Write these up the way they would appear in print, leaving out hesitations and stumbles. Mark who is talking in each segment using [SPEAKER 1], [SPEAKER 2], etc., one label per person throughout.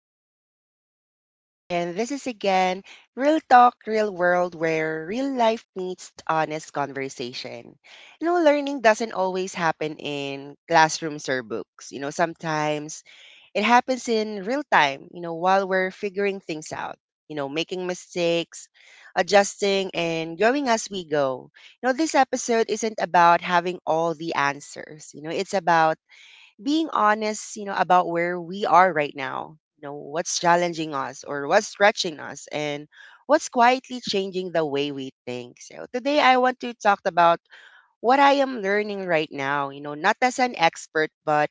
[SPEAKER 1] listeners out there. And this is again Real Talk, Real World, where real life meets honest conversation. Learning doesn't always happen in classrooms or books. Sometimes it happens in real time, while we're figuring things out, making mistakes, adjusting, and growing as we go. This episode isn't about having all the answers. It's about being honest, about where we are right now, what's challenging us or what's stretching us, and what's quietly changing the way we think. So today I want to talk about what I am learning right now, not as an expert, but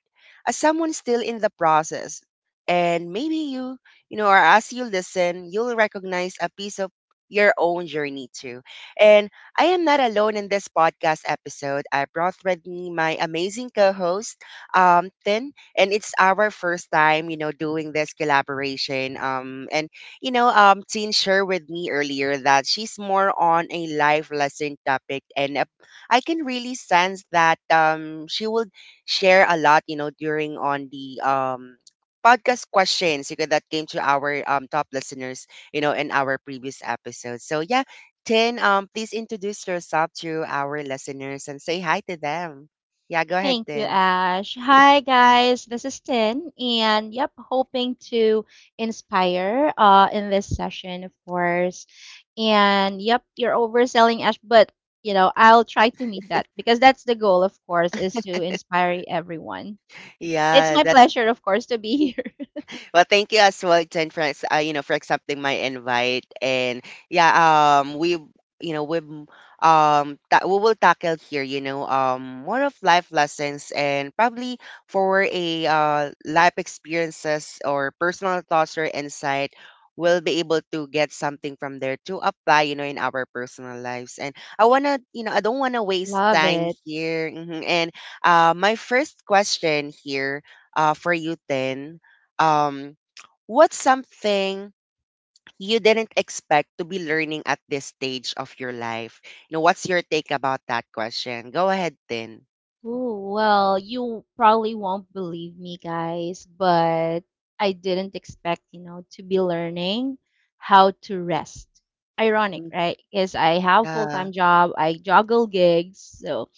[SPEAKER 1] as someone still in the process. And maybe you, or as you listen, you'll recognize a piece of your own journey too. And I am not alone in this podcast episode. I brought with me my amazing co-host, Tin, and it's our first time, doing this collaboration. And Tin shared with me earlier that she's more on a life lesson topic, and I can really sense that she would share a lot, during on the podcast questions, that came to our top listeners, in our previous episode. So yeah, Tin, please introduce yourself to our listeners and say hi to them. Yeah, go ahead,
[SPEAKER 2] Thank you,
[SPEAKER 1] Tin.
[SPEAKER 2] Ash. Hi, guys. This is Tin, and yep, hoping to inspire in this session, of course. And yep, you're overselling, Ash, but you know, I'll try to meet that because that's the goal, of course, is to inspire everyone. It's
[SPEAKER 1] Yeah,
[SPEAKER 2] my
[SPEAKER 1] that's
[SPEAKER 2] pleasure, of course, to be here.
[SPEAKER 1] well, thank you as well, Jen, for for accepting my invite. And yeah, you know we we will tackle here more of life lessons, and probably for a life experiences or personal thoughts or insight we'll be able to get something from there to apply in our personal lives. And I don't want to waste
[SPEAKER 2] Love
[SPEAKER 1] time
[SPEAKER 2] it.
[SPEAKER 1] here, and my first question here for you then, um, what's something you didn't expect to be learning at this stage of your life? What's your take about that question? Go ahead, then.
[SPEAKER 2] Oh well, you probably won't believe me, guys, but I didn't expect, you know, to be learning how to rest. Ironic,
[SPEAKER 1] Mm,
[SPEAKER 2] right? Because I have
[SPEAKER 1] yeah.
[SPEAKER 2] full-time job, I juggle gigs, so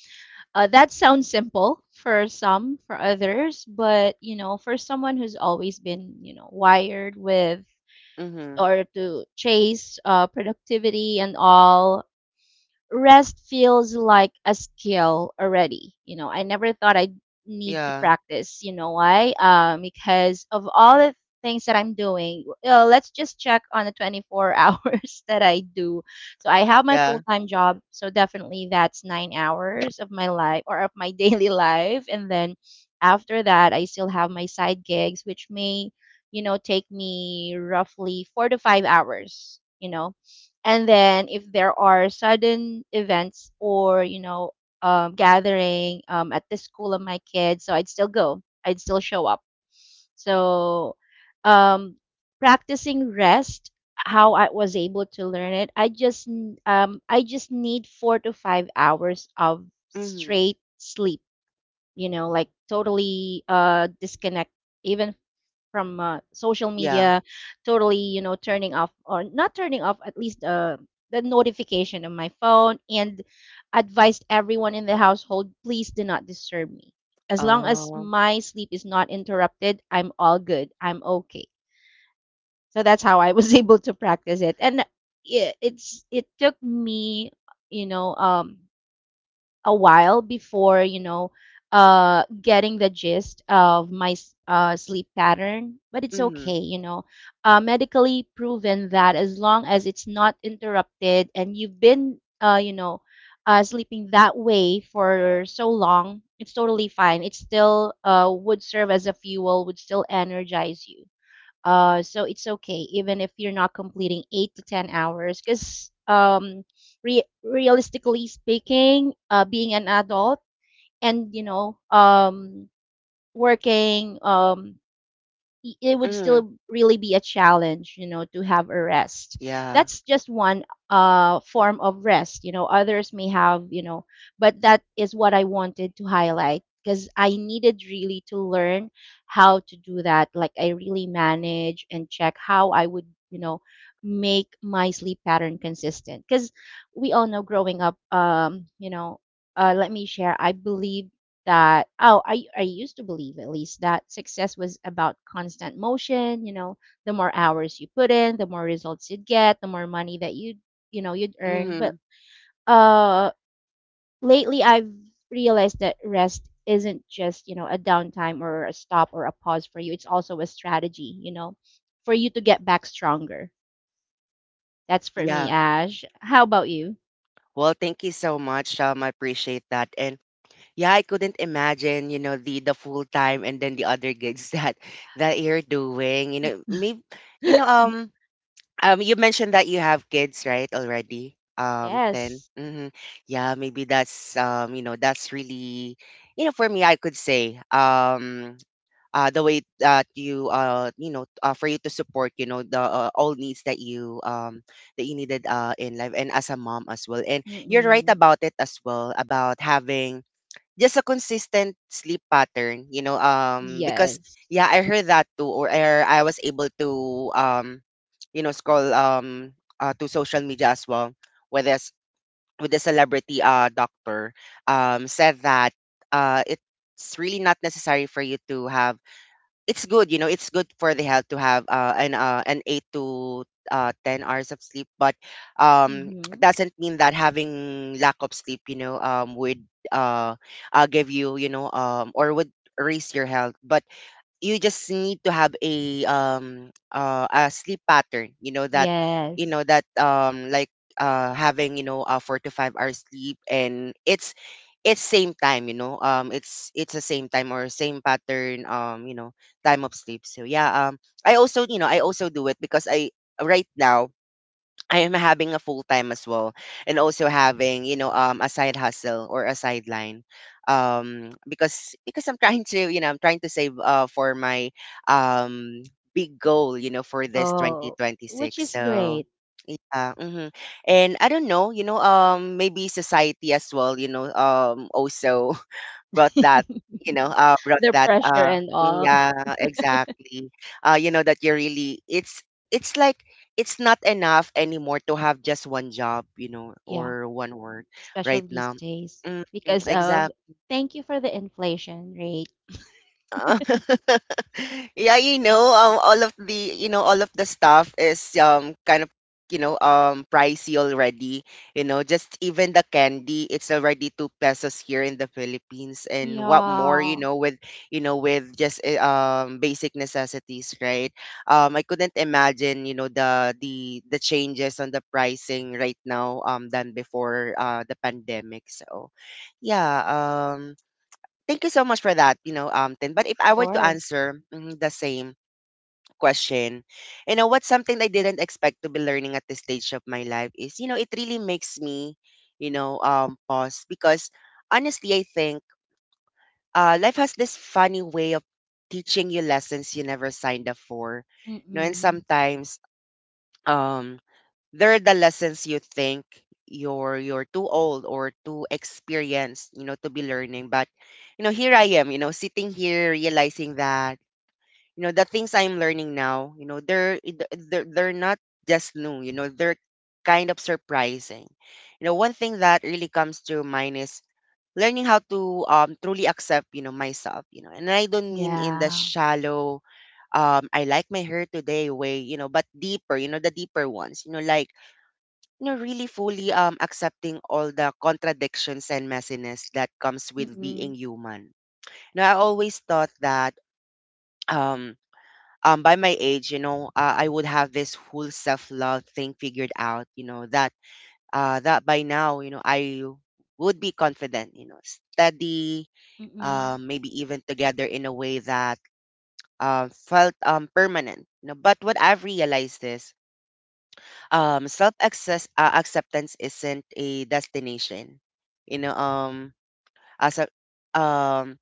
[SPEAKER 2] that sounds simple for some, for others, but you know, for someone who's always been, you know, wired with
[SPEAKER 1] Mm-hmm.
[SPEAKER 2] or to chase productivity and all, rest feels like a skill already. You know, I never thought I'd need to
[SPEAKER 1] Yeah.
[SPEAKER 2] practice. You know why? Because of all the things that I'm doing, let's just check on the 24 hours that I do. So I have my
[SPEAKER 1] Yeah.
[SPEAKER 2] full time job. So definitely that's 9 hours of my life or of my daily life. And then after that, I still have my side gigs, which may, you know, take me roughly 4 to 5 hours. You know, and then if there are sudden events or you know gathering at the school of my kids, so I'd still go, I'd still show up. So um, practicing rest, how I was able to learn it, I just need 4 to 5 hours of
[SPEAKER 1] Mm-hmm.
[SPEAKER 2] straight sleep, you know, like totally disconnect even from social
[SPEAKER 1] Yeah.
[SPEAKER 2] media, totally, you know, turning off or not turning off at least the notification on my phone, and advised everyone in the household, please do not disturb me. As long as
[SPEAKER 1] Oh.
[SPEAKER 2] my sleep is not interrupted, I'm all good. I'm okay. So that's how I was able to practice it. And it took me, you know, a while before you know getting the gist of sleep pattern, but it's
[SPEAKER 1] Mm-hmm.
[SPEAKER 2] okay, you know, medically proven that as long as it's not interrupted and you've been you know sleeping that way for so long, it's totally fine. It still would serve as a fuel, would still energize you. So it's okay even if you're not completing 8 to 10 hours, because realistically speaking, being an adult and you know working, it would
[SPEAKER 1] Mm-hmm.
[SPEAKER 2] still really be a challenge, you know, to have a rest.
[SPEAKER 1] Yeah.
[SPEAKER 2] That's just one form of rest, you know. Others may have, you know, but that is what I wanted to highlight because I needed really to learn how to do that. Like I really manage and check how I would, you know, make my sleep pattern consistent. Because we all know growing up, you know, let me share. I believe that I used to believe, at least, that success was about constant motion, you know, the more hours you put in, the more results you'd get, the more money that you'd earn. But
[SPEAKER 1] Mm-hmm.
[SPEAKER 2] uh lately I've realized that rest isn't just, you know, a downtime or a stop or a pause for you. It's also a strategy, you know, for you to get back stronger. That's for me,
[SPEAKER 1] Yeah.
[SPEAKER 2] Ash. How about you?
[SPEAKER 1] Well, thank you so much, I appreciate that. And yeah, I couldn't imagine, the full time and then the other gigs that you're doing. Maybe you know, um, you mentioned that you have kids, right, already? 10.
[SPEAKER 2] Yes.
[SPEAKER 1] Mm-hmm. Yeah, maybe that's really, for me, I could say, the way that you for you to support, the all needs that you needed in life, and as a mom as well. And you're right
[SPEAKER 2] Mm-mm.
[SPEAKER 1] about it as well about having just a consistent sleep pattern, because
[SPEAKER 2] Yes.
[SPEAKER 1] yeah, I heard that too. Or I was able to um scroll to social media as well, where there's with the celebrity doctor said that it's really not necessary for you to have it's good, it's good for the health to have an eight to 10 hours of sleep, but um,
[SPEAKER 2] Mm-hmm.
[SPEAKER 1] doesn't mean that having lack of sleep, would uh, give you, or would raise your health. But you just need to have a sleep pattern, you
[SPEAKER 2] Yes.
[SPEAKER 1] know that like having a 4 to 5 hour sleep, and it's same time, it's the same time or same pattern, time of sleep. So yeah, I also do it because I right now I am having a full time as well, and also having a side hustle or a sideline, because I'm trying to save for my um big goal for this
[SPEAKER 2] Oh, which
[SPEAKER 1] 2026.
[SPEAKER 2] is
[SPEAKER 1] So
[SPEAKER 2] great.
[SPEAKER 1] mhm. And I don't know, maybe society as well, also brought that, brought
[SPEAKER 2] The
[SPEAKER 1] that.
[SPEAKER 2] pressure and all.
[SPEAKER 1] Yeah, exactly. You know that you really It's like it's not enough anymore to have just one job,
[SPEAKER 2] Yeah,
[SPEAKER 1] or one work right
[SPEAKER 2] especially these
[SPEAKER 1] now.
[SPEAKER 2] days
[SPEAKER 1] Mm, mm,
[SPEAKER 2] because of,
[SPEAKER 1] exactly.
[SPEAKER 2] thank you, for the inflation rate.
[SPEAKER 1] Uh, yeah, all of the, all of the stuff is kind of, pricey already. Just even the candy, it's already 2 pesos here in the Philippines. And
[SPEAKER 2] Yeah,
[SPEAKER 1] what more,
[SPEAKER 2] of
[SPEAKER 1] with just basic necessities, right? I couldn't imagine, the changes on the pricing right now, than before the pandemic. So, yeah, thank you so much for that, Tin. But if I were to
[SPEAKER 2] course.
[SPEAKER 1] answer the same question, what's something I didn't expect to be learning at this stage of my life is, it really makes me, pause, because honestly, I think life has this funny way of teaching you lessons you never signed up for, and
[SPEAKER 2] Mm-mm.
[SPEAKER 1] sometimes, um they're the lessons you think you're too old or too experienced to be learning. But here I am, sitting here realizing that the things I'm learning now, they're not just new. They're kind of surprising. One thing that really comes to mind is learning how to truly accept myself, and I don't mean in the
[SPEAKER 2] Yeah.
[SPEAKER 1] shallow "I like my hair today" way, but deeper, the deeper ones. Like, really fully accepting all the contradictions and messiness that comes with being
[SPEAKER 2] Mm-mm.
[SPEAKER 1] human. Now, I always thought that um by my age, I would have this whole self-love thing figured out, that by now, I would be confident, steady,
[SPEAKER 2] Mm-mm.
[SPEAKER 1] maybe even together in a way that felt permanent. But what I've realized is self access acceptance isn't a destination. you know um as a um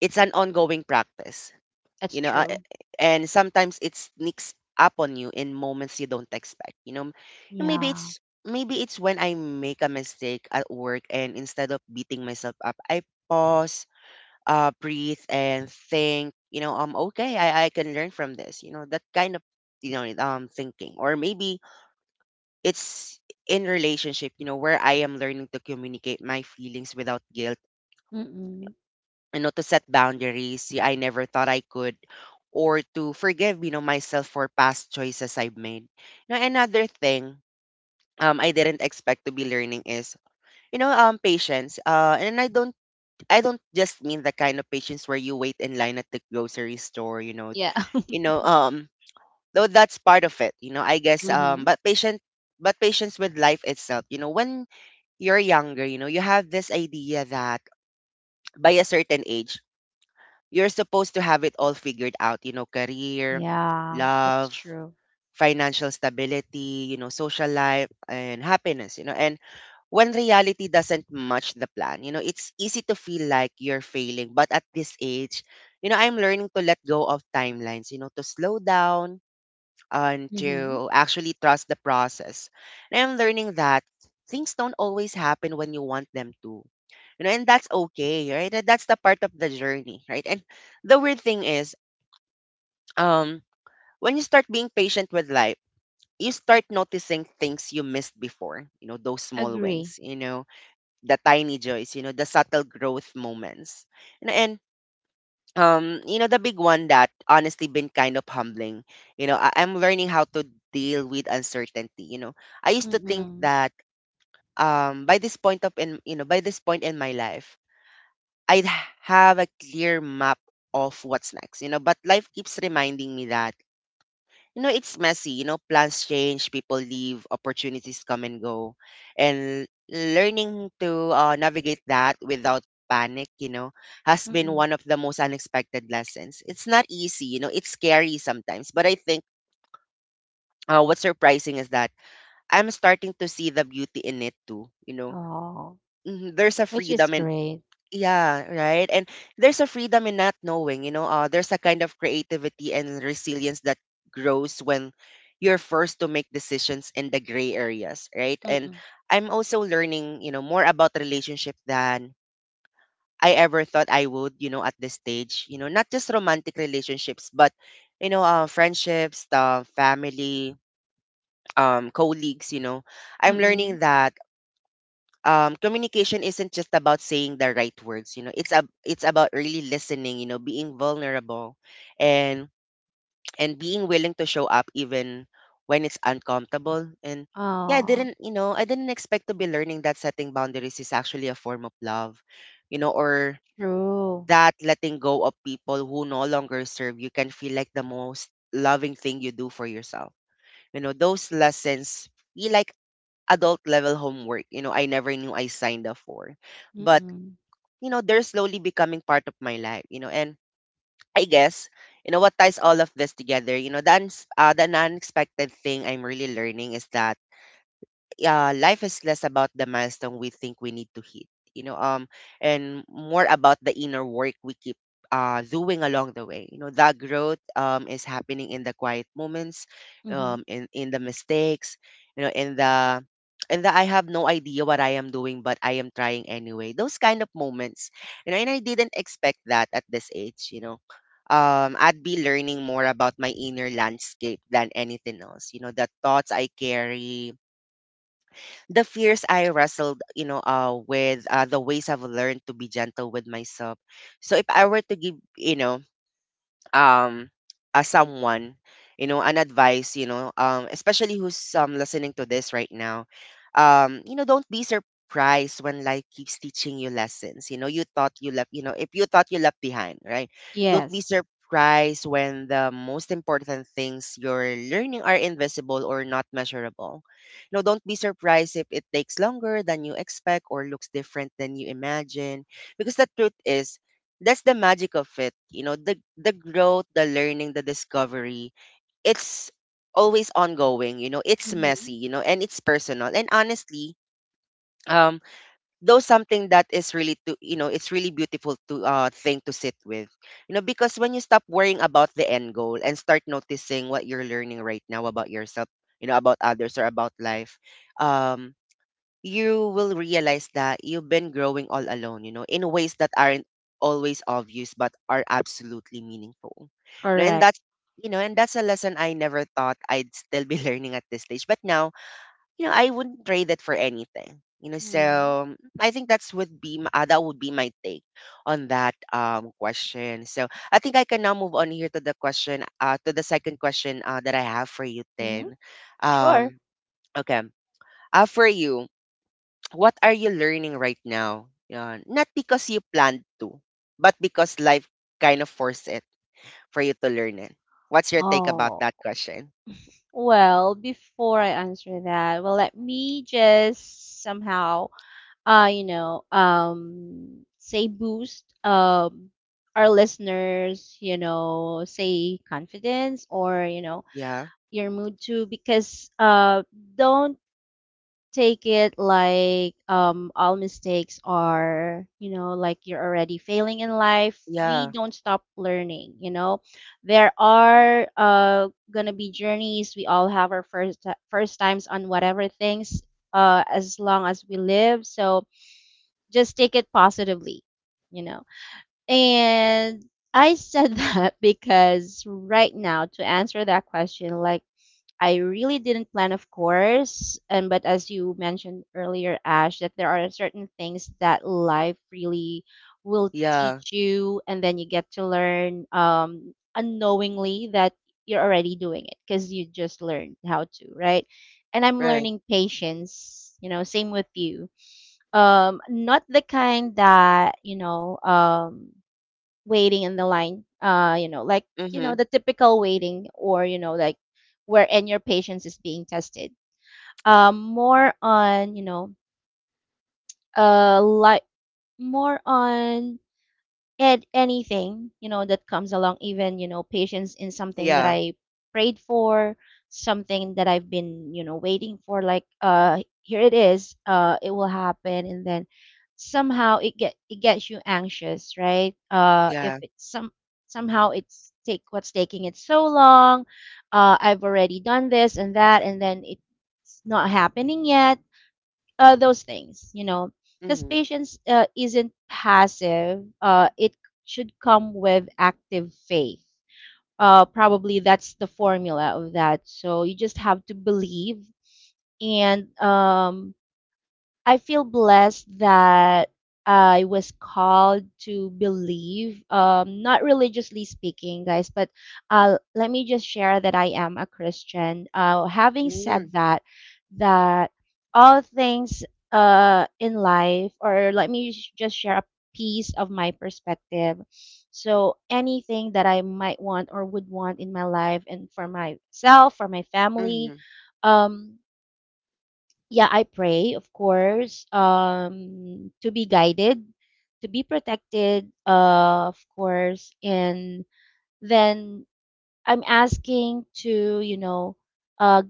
[SPEAKER 1] it's an ongoing practice,
[SPEAKER 2] That's
[SPEAKER 1] you know uh,
[SPEAKER 2] true.
[SPEAKER 1] and sometimes it sneaks up on you in moments you don't expect. And maybe
[SPEAKER 2] Yeah.
[SPEAKER 1] it's — when I make a mistake at work, and instead of beating myself up I pause, breathe, and think, okay, I can learn from this, that kind of thinking. Or maybe it's in relationship, where I am learning to communicate my feelings without guilt,
[SPEAKER 2] Mm-mm.
[SPEAKER 1] to set boundaries, yeah, I never thought I could, or to forgive, myself for past choices I've made. Now, another thing I didn't expect to be learning is, patience. And I don't just mean the kind of patience where you wait in line at the grocery store.
[SPEAKER 2] Yeah.
[SPEAKER 1] You know, um though that's part of it, I guess,
[SPEAKER 2] Mm-hmm.
[SPEAKER 1] but patient but patience with life itself. When you're younger, you have this idea that by a certain age, you're supposed to have it all figured out, career,
[SPEAKER 2] Yeah, that's
[SPEAKER 1] love,
[SPEAKER 2] true.
[SPEAKER 1] financial stability, social life and happiness. And when reality doesn't match the plan, it's easy to feel like you're failing, but at this age, I'm learning to let go of timelines, to slow down and
[SPEAKER 2] Mm-hmm.
[SPEAKER 1] to actually trust the process. And I'm learning that things don't always happen when you want them to. And that's okay, right? And That's the part of the journey, right? And the weird thing is, um, when you start being patient with life, you start noticing things you missed before, those small
[SPEAKER 2] Agree.
[SPEAKER 1] wins, the tiny joys, the subtle growth moments. The big one that honestly been kind of humbling, I'm learning how to deal with uncertainty. I used to think
[SPEAKER 2] Mm-mm.
[SPEAKER 1] that by this point in my life I'd have a clear map of what's next. But life keeps reminding me that no, it's messy. Plans change, people leave, opportunities come and go. And learning to navigate that without panic, has been
[SPEAKER 2] Mm-mm.
[SPEAKER 1] one of the most unexpected lessons. It's not easy, it's scary sometimes. But I think what's surprising is that I'm starting to see the beauty in it too.
[SPEAKER 2] Oh,
[SPEAKER 1] Mhm. There's a
[SPEAKER 2] which is
[SPEAKER 1] freedom in
[SPEAKER 2] great.
[SPEAKER 1] Yeah, right. And there's a freedom in not knowing. There's a kind of creativity and resilience that grows when you're forced to make decisions in the gray areas, right? And
[SPEAKER 2] Mm-mm.
[SPEAKER 1] I'm also learning more about relationship than I ever thought I would, at this stage, not just romantic relationships, but friendships, family, colleagues. I'm learning
[SPEAKER 2] Mm-mm.
[SPEAKER 1] that communication isn't just about saying the right words. It's about really listening, being vulnerable and and being willing to show up even when it's uncomfortable. And yeah, I
[SPEAKER 2] Oh.
[SPEAKER 1] didn't you know I didn't expect to be learning that setting boundaries is actually a form of love, or
[SPEAKER 2] True.
[SPEAKER 1] that letting go of people who no longer serve you can feel like the most loving thing you do for yourself. Those lessons feel like adult level homework I never knew I signed up for. But,
[SPEAKER 2] Mm-mm.
[SPEAKER 1] you know, they're slowly becoming part of my life, and I guess what ties all of this together, the unexpected thing I'm really learning is that, yeah, life is less about the milestone we think we need to hit, and more about the inner work we keep doing along the way. That growth is happening in the quiet moments,
[SPEAKER 2] Mm-hmm.
[SPEAKER 1] in the mistakes, in the and that I have no idea what I am doing, but I am trying anyway. Those kind of moments. And I didn't expect that at this age. I'd be learning more about my inner landscape than anything else. You know, the thoughts I carry, the fears I wrestled with the ways I've learned to be gentle with myself. So if I were to give, um as someone an advice, especially who's listening to this right now. Don't be surprised when life keeps teaching you lessons you thought you left, if you thought you left behind, right? Don't be
[SPEAKER 2] Yes.
[SPEAKER 1] surprised when the most important things you're learning are invisible or not measurable. Don't be surprised if it takes longer than you expect or looks different than you imagine, because the truth is that's the magic of it. The growth, the learning, the discovery, it's always ongoing. It's
[SPEAKER 2] Mm-hmm.
[SPEAKER 1] messy, and it's personal. And honestly, um though something that is really to you know it's really beautiful to thing to sit with, because when you stop worrying about the end goal and start noticing what you're learning right now about yourself, about others or about life, um you will realize that you've been growing all alone, in ways that aren't always obvious but are absolutely meaningful. No, and
[SPEAKER 2] Correct.
[SPEAKER 1] that's a lesson I never thought I'd still be learning at this stage. But now, I wouldn't trade it for anything. You know,
[SPEAKER 2] Mm-hmm.
[SPEAKER 1] so I think that would be my take on that question. So I think I can now move on here to the question to the second question that I have for you
[SPEAKER 2] Mm-hmm.
[SPEAKER 1] then.
[SPEAKER 2] Sure.
[SPEAKER 1] Um okay. For you, what are you learning right now, Yan? Not because you planned to, but because life kind of forced it for you to learn it. What's your take about
[SPEAKER 2] Oh,
[SPEAKER 1] that question?
[SPEAKER 2] well, before I answer that, well, let me just somehow, you know, say boost, our listeners, you know, say confidence or, you know,
[SPEAKER 1] Yeah.
[SPEAKER 2] your mood too, because, don't take it like all mistakes are, you know, like you're already failing in life. We
[SPEAKER 1] Yeah.
[SPEAKER 2] don't stop learning, you know, there are gonna be journeys. We all have our first times on whatever things as long as we live. So just take it positively, you know. And I said that because right now, to answer that question, like I really didn't plan, of course. And but as you mentioned earlier, Ash, that there are certain things that life really will
[SPEAKER 1] Yeah.
[SPEAKER 2] teach you, and then you get to learn, unknowingly, that you're already doing it because you just learned how to, right? And I'm
[SPEAKER 1] Right.
[SPEAKER 2] learning patience. You know, same with you. Not the kind that you know. Waiting in the line, you know, like, you know,
[SPEAKER 1] Mhm.
[SPEAKER 2] the typical waiting, or you know, like where and your patience is being tested, um more on you know uh like more on, and anything, you know, that comes along, even you know, patience in something that
[SPEAKER 1] Yeah.
[SPEAKER 2] I prayed for, something that I've been, you know, waiting for, like, here it is, it will happen. And then somehow it gets you anxious, right? If
[SPEAKER 1] Yeah.
[SPEAKER 2] it's some, somehow it's take what's taking it so long, I've already done this and that, and then it's not happening yet. Those things, you know, because
[SPEAKER 1] Mhm.
[SPEAKER 2] patience isn't passive. It should come with active faith. Probably that's the formula of that. So you just have to believe. And I feel blessed that I was called to believe, not religiously speaking, guys, but let me just share that I am a Christian. Having
[SPEAKER 1] Mhm.
[SPEAKER 2] said that, that all things in life, or let me just share a piece of my perspective. So, anything that I might want or would want in my life and for myself, for my family,
[SPEAKER 1] Mhm.
[SPEAKER 2] um, yeah, I pray, of course, to be guided, to be protected, of course, and then I'm asking to, you know, uh,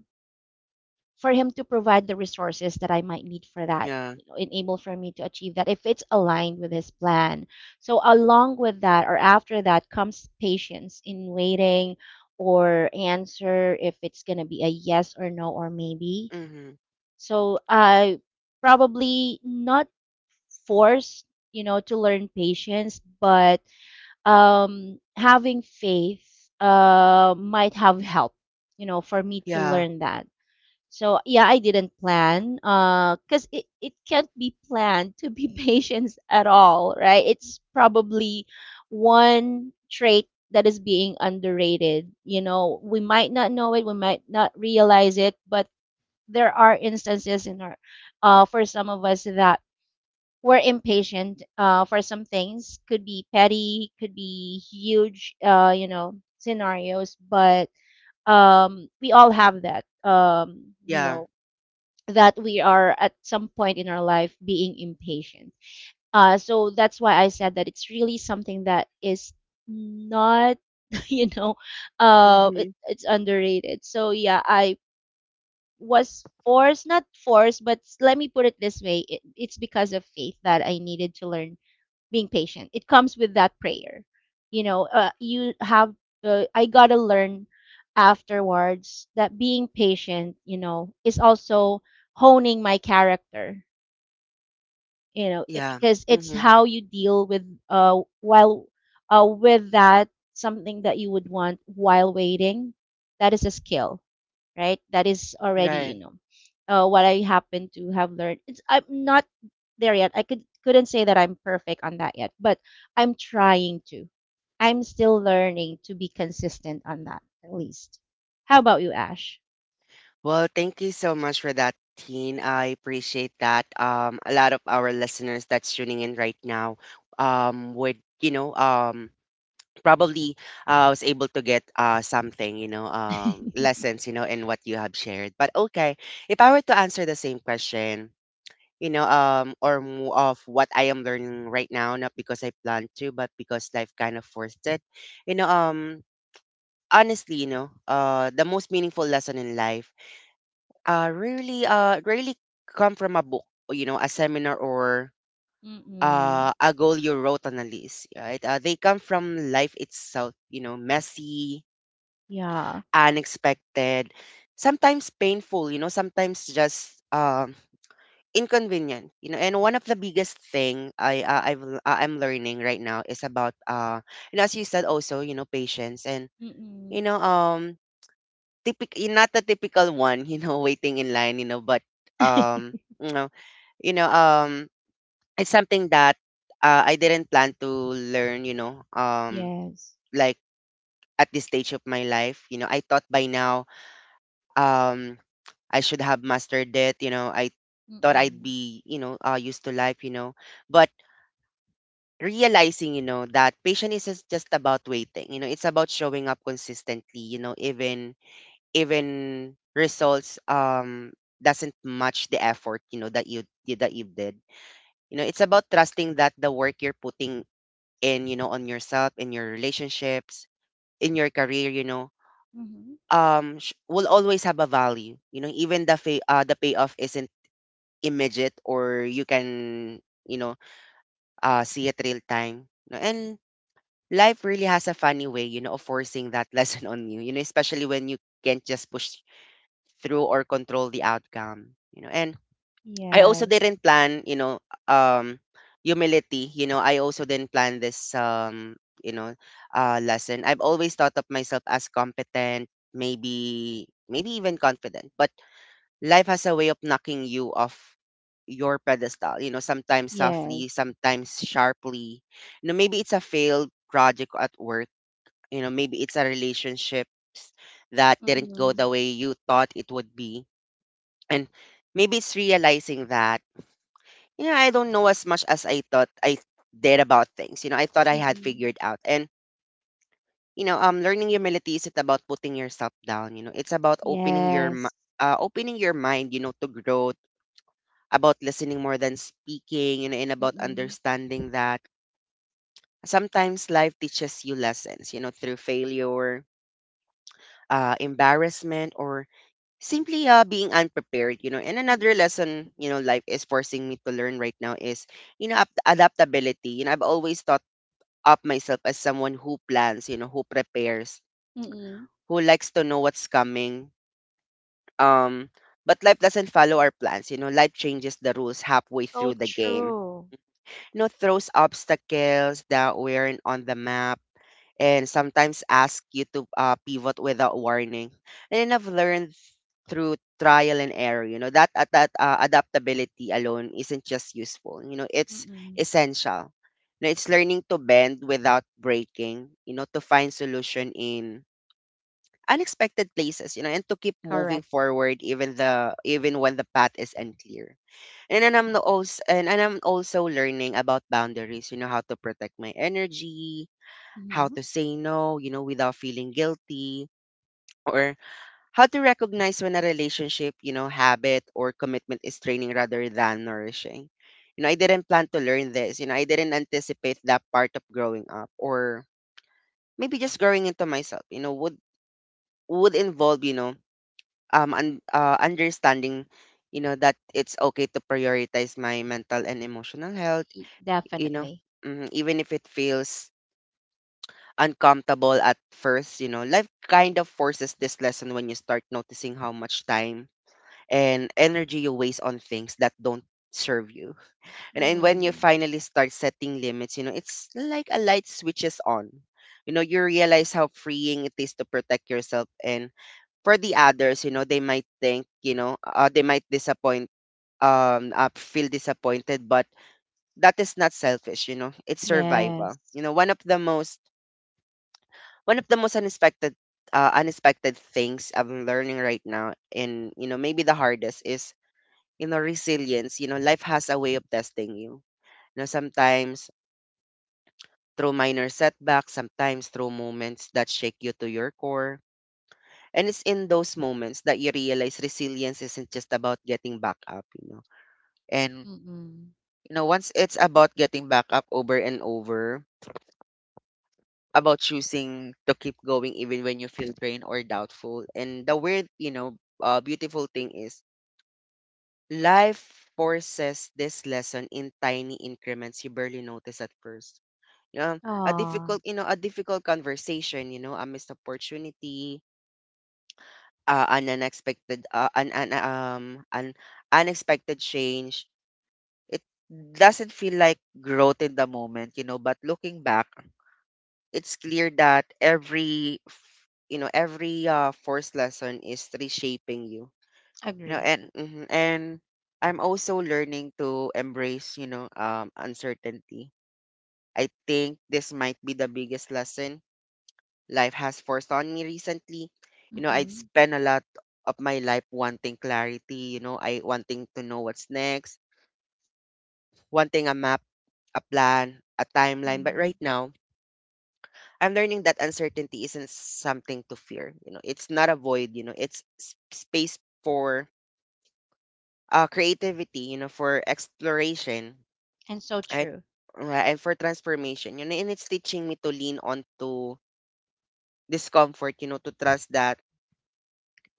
[SPEAKER 2] for him to provide the resources that I might need for that,
[SPEAKER 1] Yeah.
[SPEAKER 2] you know, enable for me to achieve that if it's aligned with his plan. So along with that, or after that, comes patience in waiting or answer if it's gonna be a yes or no or maybe.
[SPEAKER 1] Mhm.
[SPEAKER 2] So I probably, not forced, you know, to learn patience, but having faith might have helped, you know, for me to
[SPEAKER 1] Yeah.
[SPEAKER 2] learn that. So yeah, I didn't plan, because it can't be planned to be patient at all, right? It's probably one trait that is being underrated. You know, we might not know it, we might not realize it, but there are instances in our, for some of us, that we're impatient, for some things. Could be petty, could be huge, you know, scenarios. But we all have that, you
[SPEAKER 1] Yeah.
[SPEAKER 2] know, that we are at some point in our life being impatient. So that's why I said that it's really something that is not you know,
[SPEAKER 1] Mhm.
[SPEAKER 2] it's underrated. So yeah, I was forced, not forced, but let me put it this way, it's because of faith that I needed to learn being patient. It comes with that prayer. You know, I got to learn afterwards that being patient, you know, is also honing my character, you know
[SPEAKER 1] Yeah.
[SPEAKER 2] because it's
[SPEAKER 1] Mhm.
[SPEAKER 2] how you deal with while with that something that you would want while waiting. That is a skill, right? That is already,
[SPEAKER 1] Right.
[SPEAKER 2] you know, what I happen to have learned. It's, I'm not there yet, I could, couldn't say that I'm perfect on that yet, but I'm trying to. I'm still learning to be consistent on that, at least. How about you, Ash?
[SPEAKER 1] Well, thank you so much for that, Teen. I appreciate that. A lot of our listeners that's tuning in right now would probably was able to get something, lessons, in what you have shared. But okay, if I were to answer the same question, or more of what I am learning right now, not because I planned to, but because life kind of forced it, you know, um, honestly, the most meaningful lesson in life really come from a book, or a seminar, or
[SPEAKER 2] Mm.
[SPEAKER 1] a goal you wrote on a list, right? They come from life itself. Messy,
[SPEAKER 2] Yeah.
[SPEAKER 1] unexpected, sometimes painful, sometimes just inconvenient. And one of the biggest thing I'm learning right now is about and as you said also, patience. And you
[SPEAKER 2] Mm.
[SPEAKER 1] know um typic not the typical one, you know, waiting in line, you know, but um, you know, you know, um, it's something that I didn't plan to learn,
[SPEAKER 2] Yes.
[SPEAKER 1] like at this stage of my life. I thought by now, um, I should have mastered it. I thought I'd
[SPEAKER 2] Mm.
[SPEAKER 1] be, you know, uh, used to life, but realizing, you know, that patience is just about waiting, you know, it's about showing up consistently, you know, even results doesn't match the effort, you know, that you did, you know, it's about trusting that the work you're putting in, you know, on yourself, in your relationships, in your career,
[SPEAKER 2] Mhm.
[SPEAKER 1] will always have a value, you know, even the payoff isn't immediate, or you can, you know, see it real time, you know? And life really has a funny way, you know, of forcing that lesson on you, you know, especially when you can't just push through or control the outcome, you know. And I also
[SPEAKER 2] Yes.
[SPEAKER 1] didn't plan, um humility, you know, I also didn't plan this, you know lesson. I've always thought of myself as competent, maybe even confident, but life has a way of knocking you off your pedestal, you know, sometimes softly,
[SPEAKER 2] Yes.
[SPEAKER 1] sometimes sharply, you know. Maybe it's a failed project at work, you know, maybe it's a relationships that didn't go
[SPEAKER 2] Mm.
[SPEAKER 1] the way you thought it would be. And maybe it's realizing that, yeah, I don't know as much as I thought I did about things. You know, I thought I had
[SPEAKER 2] Mm.
[SPEAKER 1] figured out. And, you know, learning humility isn't about putting yourself down. You know, it's about opening
[SPEAKER 2] Yes.
[SPEAKER 1] opening your mind, you know, to growth, about listening more than speaking, you know, and about
[SPEAKER 2] Mm.
[SPEAKER 1] understanding that sometimes life teaches you lessons, you know, through failure, embarrassment, or simply being unprepared, you know. And another
[SPEAKER 2] Mm.
[SPEAKER 1] lesson, you know, life is forcing me to learn right now is, you know, adaptability. You know, I've always thought of myself as someone who plans, you know, who prepares,
[SPEAKER 2] Mm.
[SPEAKER 1] who likes to know what's coming. Um, but life doesn't follow our plans, you know. Life changes the rules halfway
[SPEAKER 2] So
[SPEAKER 1] through the game.
[SPEAKER 2] true.
[SPEAKER 1] You know, throws obstacles that weren't on the map and sometimes ask you to pivot without warning. And I've learned through trial and error, you know, that adaptability alone isn't just useful, you know, it's
[SPEAKER 2] Mm.
[SPEAKER 1] essential. You know, it's learning to bend without breaking, you know, to find solution in unexpected places, you know, and to keep moving
[SPEAKER 2] Correct.
[SPEAKER 1] forward even when the path is unclear. And then I'm also and I'm also learning about boundaries, you know, how to protect my energy, how
[SPEAKER 2] Mhm.
[SPEAKER 1] to say no, you know, without feeling guilty, or how to recognize when a relationship, you know, habit or commitment is draining rather than nourishing. You know, I didn't plan to learn this. You know, I didn't anticipate that part of growing up, or maybe just growing into myself, you know, would involve, you know, understanding, you know, that it's okay to prioritize my mental and emotional health,
[SPEAKER 2] E-
[SPEAKER 1] you know,
[SPEAKER 2] Definitely.
[SPEAKER 1] mm, even if it feels uncomfortable at first, you know, life kind of forces this lesson when you start noticing how much time and energy you waste on things that don't serve you. And when you
[SPEAKER 2] Mm.
[SPEAKER 1] finally start setting limits, you know, it's like a light switches on. You know, you realize how freeing it is to protect yourself. And for the others, you know, they might think, you know, they might disappoint, feel disappointed, but that is not selfish, you know, it's survival.
[SPEAKER 2] Yes.
[SPEAKER 1] You know, one of the most one of the most unexpected unexpected things I'm learning right now, and you know maybe the hardest, is you know resilience. You know, life has a way of testing you, you know, sometimes through minor setbacks, sometimes through moments that shake you to your core. And it's in those moments that you realize resilience isn't just about getting back up, you know, and
[SPEAKER 2] Mm.
[SPEAKER 1] you know once it's about getting back up over and over, about choosing to keep going even when you feel drained or doubtful. And the weird, you know, beautiful thing is life forces this lesson in tiny increments you barely notice at first. Um, a
[SPEAKER 2] Oh,
[SPEAKER 1] difficult, you know, a difficult conversation, you know, a missed opportunity, an unexpected change. It doesn't feel like growth in the moment, you know, but looking back, it's clear that every force lesson is reshaping you. You know,
[SPEAKER 2] agree.
[SPEAKER 1] and I'm also learning to embrace, you know, uncertainty. I think this might be the biggest lesson life has forced on me recently. You know, I
[SPEAKER 2] Mm.
[SPEAKER 1] spent a lot of my life wanting clarity, you know, I wanting to know what's next, wanting a map, a plan, a timeline. But
[SPEAKER 2] Mm.
[SPEAKER 1] right now I'm learning that uncertainty isn't something to fear. You know, it's not a void. You know, it's space for creativity. You know, for exploration,
[SPEAKER 2] And so
[SPEAKER 1] right?
[SPEAKER 2] true.
[SPEAKER 1] Right, and for transformation. You know, and it's teaching me to lean on to discomfort. You know, to trust that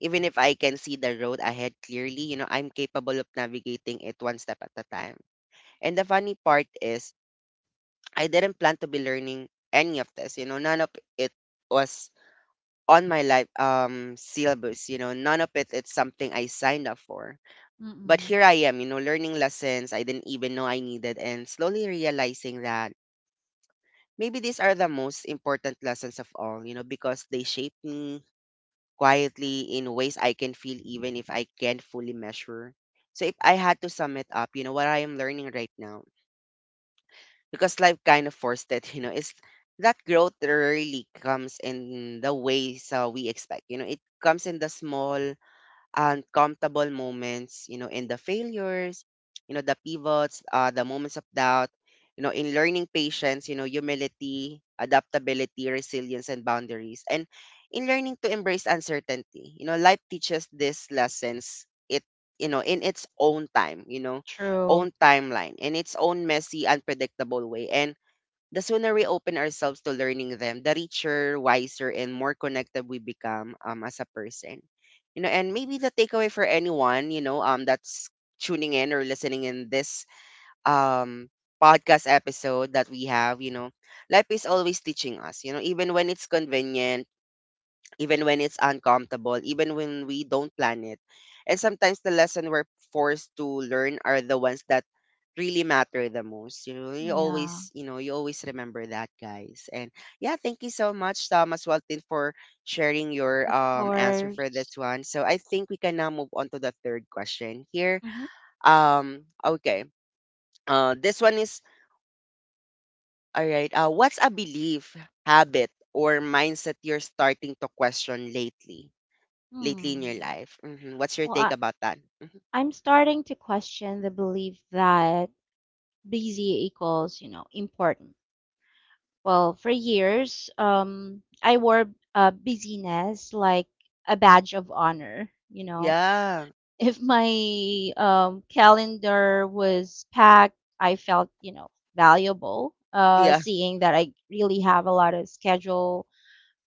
[SPEAKER 1] even if I can see the road ahead clearly, you know, I'm capable of navigating it one step at a time. And the funny part is, I didn't plan to be learning any of this. You know, none of it was on my life syllabus. You know, none of it it's something I signed up for. But
[SPEAKER 2] Mm.
[SPEAKER 1] here I am, you know, learning lessons I didn't even know I needed, and slowly realizing that maybe these are the most important lessons of all, you know, because they shape me quietly in ways I can feel even if I can't fully measure. So if I had to sum it up, you know, what I am learning right now, because life kind of forced it, you know, is that growth rarely comes in the ways we expect. You know, it comes in the small uncomfortable moments, you know, in the failures, you know, the pivots, the moments of doubt, you know, in learning patience, you know, humility, adaptability, resilience, and boundaries. And in learning to embrace uncertainty, you know, life teaches these lessons you know, in its own time, you know,
[SPEAKER 2] True.
[SPEAKER 1] own timeline, in its own messy, unpredictable way. And the sooner we open ourselves to learning them, the richer, wiser, and more connected we become, as a person. You know, and maybe the takeaway for anyone, you know, that's tuning in or listening in this um podcast episode that we have, you know, life is always teaching us, you know, even when it's convenient, even when it's uncomfortable, even when we don't plan it. And sometimes the lesson we're forced to learn are the ones that really matter the most. You know,
[SPEAKER 2] Yeah.
[SPEAKER 1] you always remember that, guys. And yeah, thank you so much, Tom, as well, Tin, for sharing your
[SPEAKER 2] Of
[SPEAKER 1] answer for
[SPEAKER 2] course.
[SPEAKER 1] this one. So I think we can now move on to the third question here.
[SPEAKER 2] Mhm.
[SPEAKER 1] Okay. This one is all right. What's a belief, habit, or mindset you're starting to question lately in your
[SPEAKER 2] Mm.
[SPEAKER 1] life? Mhm. What's your
[SPEAKER 2] Well,
[SPEAKER 1] take about that?
[SPEAKER 2] I'm starting to question the belief that busy equals, you know, important. Well, for years, I wore busyness like a badge of honor. You know,
[SPEAKER 1] Yeah.
[SPEAKER 2] if my calendar was packed, I felt, you know, valuable.
[SPEAKER 1] Yeah.
[SPEAKER 2] Seeing that I really have a lot of schedule.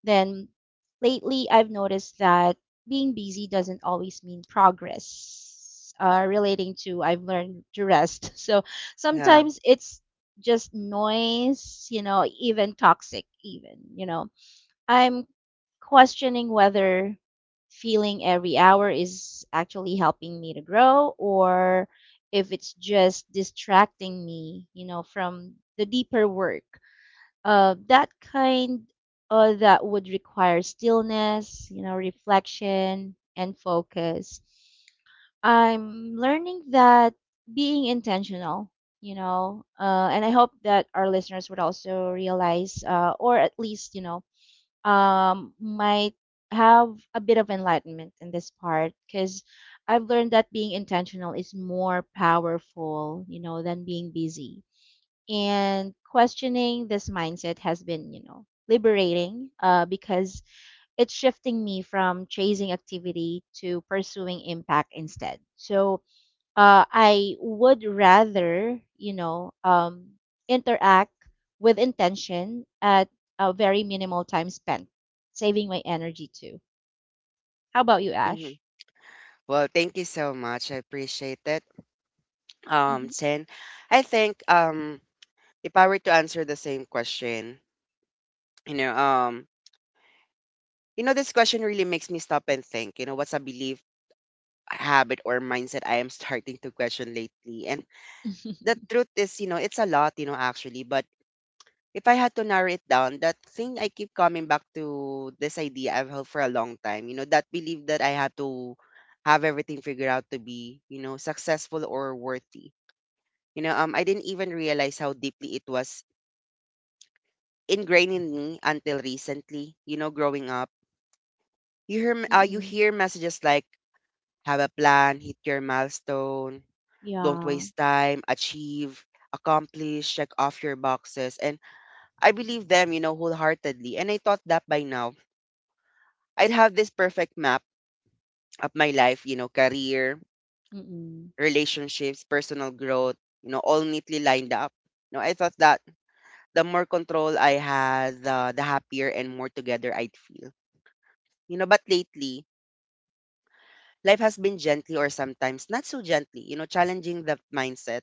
[SPEAKER 2] Then lately, I've noticed that being busy doesn't always mean progress. Relating to, I've learned to rest. So
[SPEAKER 1] Yeah.
[SPEAKER 2] sometimes it's just noise, you know, even toxic, even, you know. I'm questioning whether feeling every hour is actually helping me to grow, or if it's just distracting me, you know, from the deeper work, uh, that kind that would require stillness, you know, reflection and focus. I'm learning that being intentional, and I hope that our listeners would also realize, or at least, might have a bit of enlightenment in this part, because I've learned that being intentional is more powerful, you know, than being busy. And questioning this mindset has been, liberating, because it's shifting me from chasing activity to pursuing impact instead. So I would rather, interact with intention at a very minimal time spent, saving my energy too. How about you,
[SPEAKER 1] Hmm.
[SPEAKER 2] Ash?
[SPEAKER 1] Well, thank you so much. I appreciate it.
[SPEAKER 2] Mm-hmm.
[SPEAKER 1] Chen, I think, if I were to answer the same question, you know, um, you know, this question really makes me stop and think. You know, what's a belief, habit, or mindset I am starting to question lately? And the truth is, you know, it's a lot. You know, actually, but if I had to narrow it down, that thing I keep coming back to this idea I've held for a long time, you know, that belief that I had to have everything figured out to be, you know, successful or worthy. You know, I didn't even realize how deeply it was ingrained in me until recently, you know, growing up. You
[SPEAKER 2] Mm-mm.
[SPEAKER 1] hear messages like, have a plan, hit your milestone, don't
[SPEAKER 2] Yeah.
[SPEAKER 1] waste time, achieve, accomplish, check off your boxes. And I believe them, you know, wholeheartedly. And I thought that by now, I'd have this perfect map of my life, you know, career,
[SPEAKER 2] Mm-mm.
[SPEAKER 1] relationships, personal growth, you know, all neatly lined up. You know, I thought that the more control I had, the happier and more together I'd feel. You know, but lately, life has been gently, or sometimes not so gently, you know, challenging the mindset.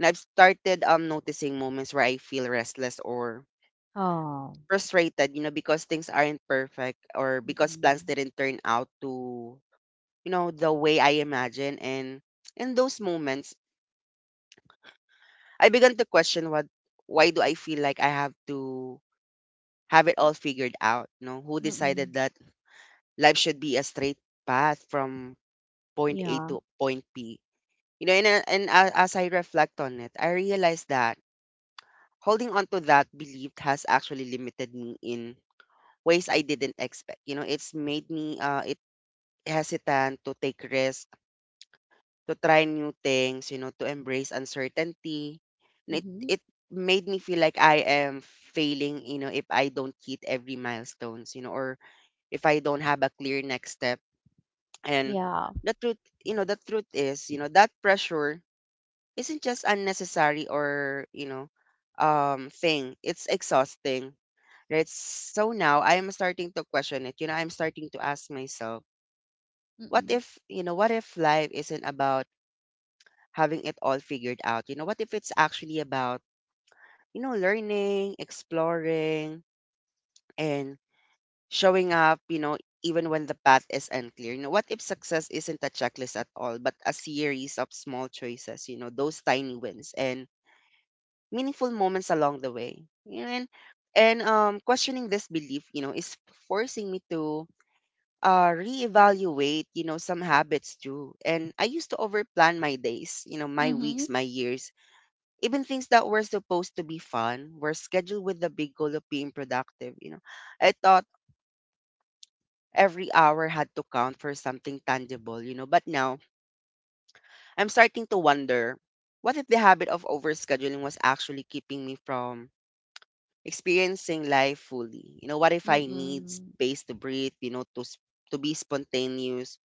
[SPEAKER 1] And I've started noticing moments where I feel restless or
[SPEAKER 2] Oh.
[SPEAKER 1] frustrated, you know, because things aren't perfect or because plans
[SPEAKER 2] Mm-mm.
[SPEAKER 1] didn't turn out to, you know, the way I imagine. And in those moments I began to question what, why do I feel like I have to have it all figured out? You know, who
[SPEAKER 2] Mm-mm.
[SPEAKER 1] decided that life should be a straight path from point A
[SPEAKER 2] Yeah.
[SPEAKER 1] to point B? You know, and as I reflect on it, I realized that holding on to that belief has actually limited me in ways I didn't expect. You know, it's made me it hesitant to take risks, to try new things, you know, to embrace uncertainty. And it
[SPEAKER 2] Mm-hmm.
[SPEAKER 1] it made me feel like I am failing, you know, if I don't hit every milestones, you know, or if I don't have a clear next step. And
[SPEAKER 2] Yeah.
[SPEAKER 1] the truth, you know, the truth is, you know, that pressure isn't just unnecessary or, you know, thing. It's exhausting. Right? So now I am starting to question it. You know, I'm starting to ask myself, what
[SPEAKER 2] Mm.
[SPEAKER 1] if, you know, what if life isn't about having it all figured out? You know, what if it's actually about, you know, learning, exploring, and showing up, you know, even when the path is unclear? You know, what if success isn't a checklist at all, but a series of small choices, you know, those tiny wins and meaningful moments along the way? You know, and questioning this belief, you know, is forcing me to reevaluate, you know, some habits too. And I used to overplan my days, you know, my
[SPEAKER 2] Mhm.
[SPEAKER 1] weeks, my years, even things that were supposed to be fun were scheduled with the big goal of being productive. You know, I thought every hour had to count for something tangible. You know, but now I'm starting to wonder, what if the habit of overscheduling was actually keeping me from experiencing life fully? You know, what if I need
[SPEAKER 2] Mm.
[SPEAKER 1] space to breathe, you know, to be spontaneous,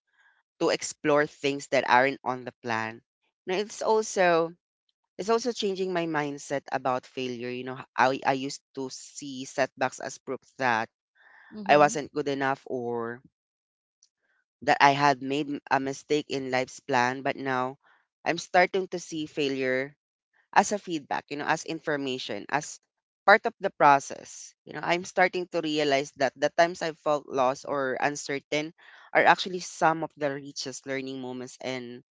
[SPEAKER 1] to explore things that aren't on the plan? you know, it's also It's also changing my mindset about failure. You know, I used to see setbacks as proof that I
[SPEAKER 2] Mhm.
[SPEAKER 1] wasn't good enough or that I had made a mistake in life's plan. But now I'm starting to see failure as a feedback, you know, as information, as part of the process. You know, I'm starting to realize that the times I felt lost or uncertain are actually some of the richest learning moments. And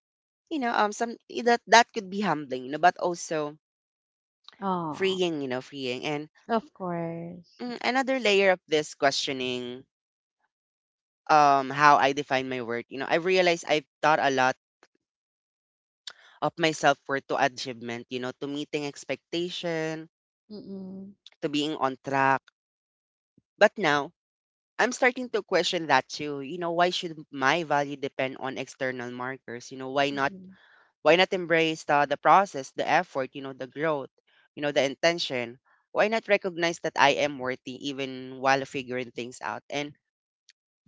[SPEAKER 1] you know some that could be humbling, you know, but also
[SPEAKER 2] Oh,
[SPEAKER 1] freeing, you know, freeing. And
[SPEAKER 2] of course.
[SPEAKER 1] mm, another layer of this questioning, how I define my worth. You know, I've realized I've thought a lot of myself for to achievement, you know, to meeting expectation,
[SPEAKER 2] Mm.
[SPEAKER 1] to being on track. But now I'm starting to question that too. You know, why should my value depend on external markers? You know,
[SPEAKER 2] Mm.
[SPEAKER 1] why not embrace the process, the effort, you know, the growth, you know, the intention? Why not recognize that I am worthy even while figuring things out? And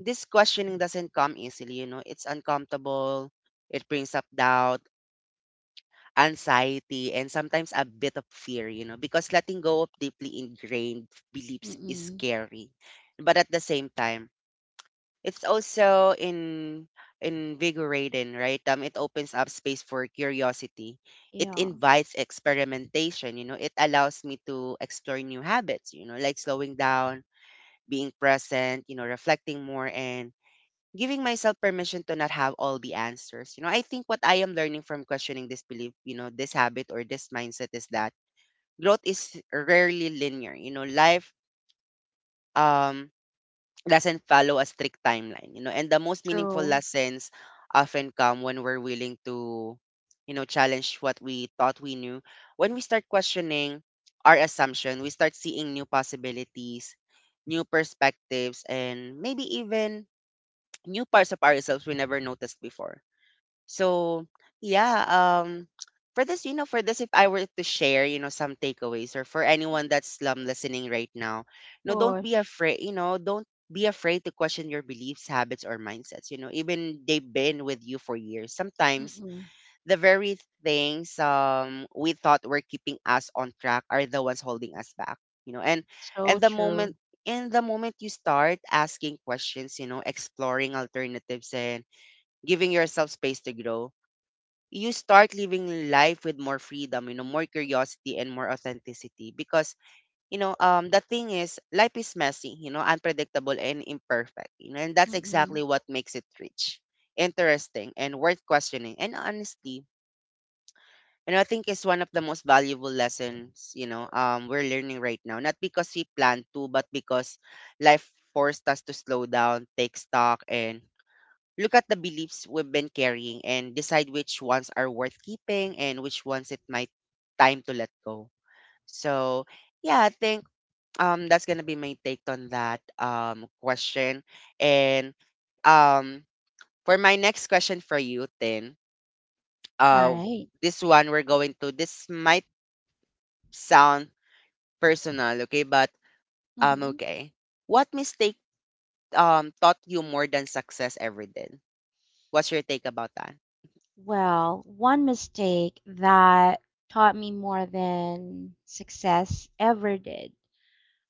[SPEAKER 1] this questioning doesn't come easily, you know. It's uncomfortable. It brings up doubt, anxiety, and sometimes a bit of fear, you know, because letting go of deeply ingrained beliefs is
[SPEAKER 2] Mm.
[SPEAKER 1] scary. But at the same time, it's also in invigorating, right? It opens up space for curiosity. It
[SPEAKER 2] Yeah.
[SPEAKER 1] invites experimentation, you know. It allows me to explore new habits, you know, like slowing down, being present, you know, reflecting more, and giving myself permission to not have all the answers. You know, I think what I am learning from questioning this belief, you know, this habit or this mindset is that growth is rarely linear. You know, life um doesn't follow a strict timeline, you know, and the most meaningful
[SPEAKER 2] True.
[SPEAKER 1] lessons often come when we're willing to, you know, challenge what we thought we knew. When we start questioning our assumption, we start seeing new possibilities, new perspectives, and maybe even new parts of ourselves we never noticed before. So yeah, for this, for this, if I were to share, some takeaways or for anyone that's listening right now, don't be
[SPEAKER 2] Push.
[SPEAKER 1] afraid, don't be afraid to question your beliefs, habits, or mindsets. You know, even they've been with you for years. Sometimes
[SPEAKER 2] Mm.
[SPEAKER 1] the very things we thought were keeping us on track are the ones holding us back. You know, and
[SPEAKER 2] So
[SPEAKER 1] and the
[SPEAKER 2] true.
[SPEAKER 1] moment you start asking questions, exploring alternatives and giving yourself space to grow, you start living life with more freedom, more curiosity and more authenticity. Because, the thing is, life is messy, unpredictable and imperfect, and that's exactly
[SPEAKER 2] Mm.
[SPEAKER 1] what makes it rich, interesting, and worth questioning. And honestly, I think it's one of the most valuable lessons, we're learning right now. Not because we plan to, but because life forced us to slow down, take stock, and look at the beliefs we've been carrying and decide which ones are worth keeping and which ones it might time to let go. So yeah, I think that's gonna be my take on that question. And um for my next question for you, Tin,
[SPEAKER 2] All
[SPEAKER 1] uh
[SPEAKER 2] right.
[SPEAKER 1] this one we're going to this might sound personal, okay, but
[SPEAKER 2] Mhm.
[SPEAKER 1] okay. What mistake taught you more than success ever did? What's your take about that?
[SPEAKER 2] Well, one mistake that taught me more than success ever did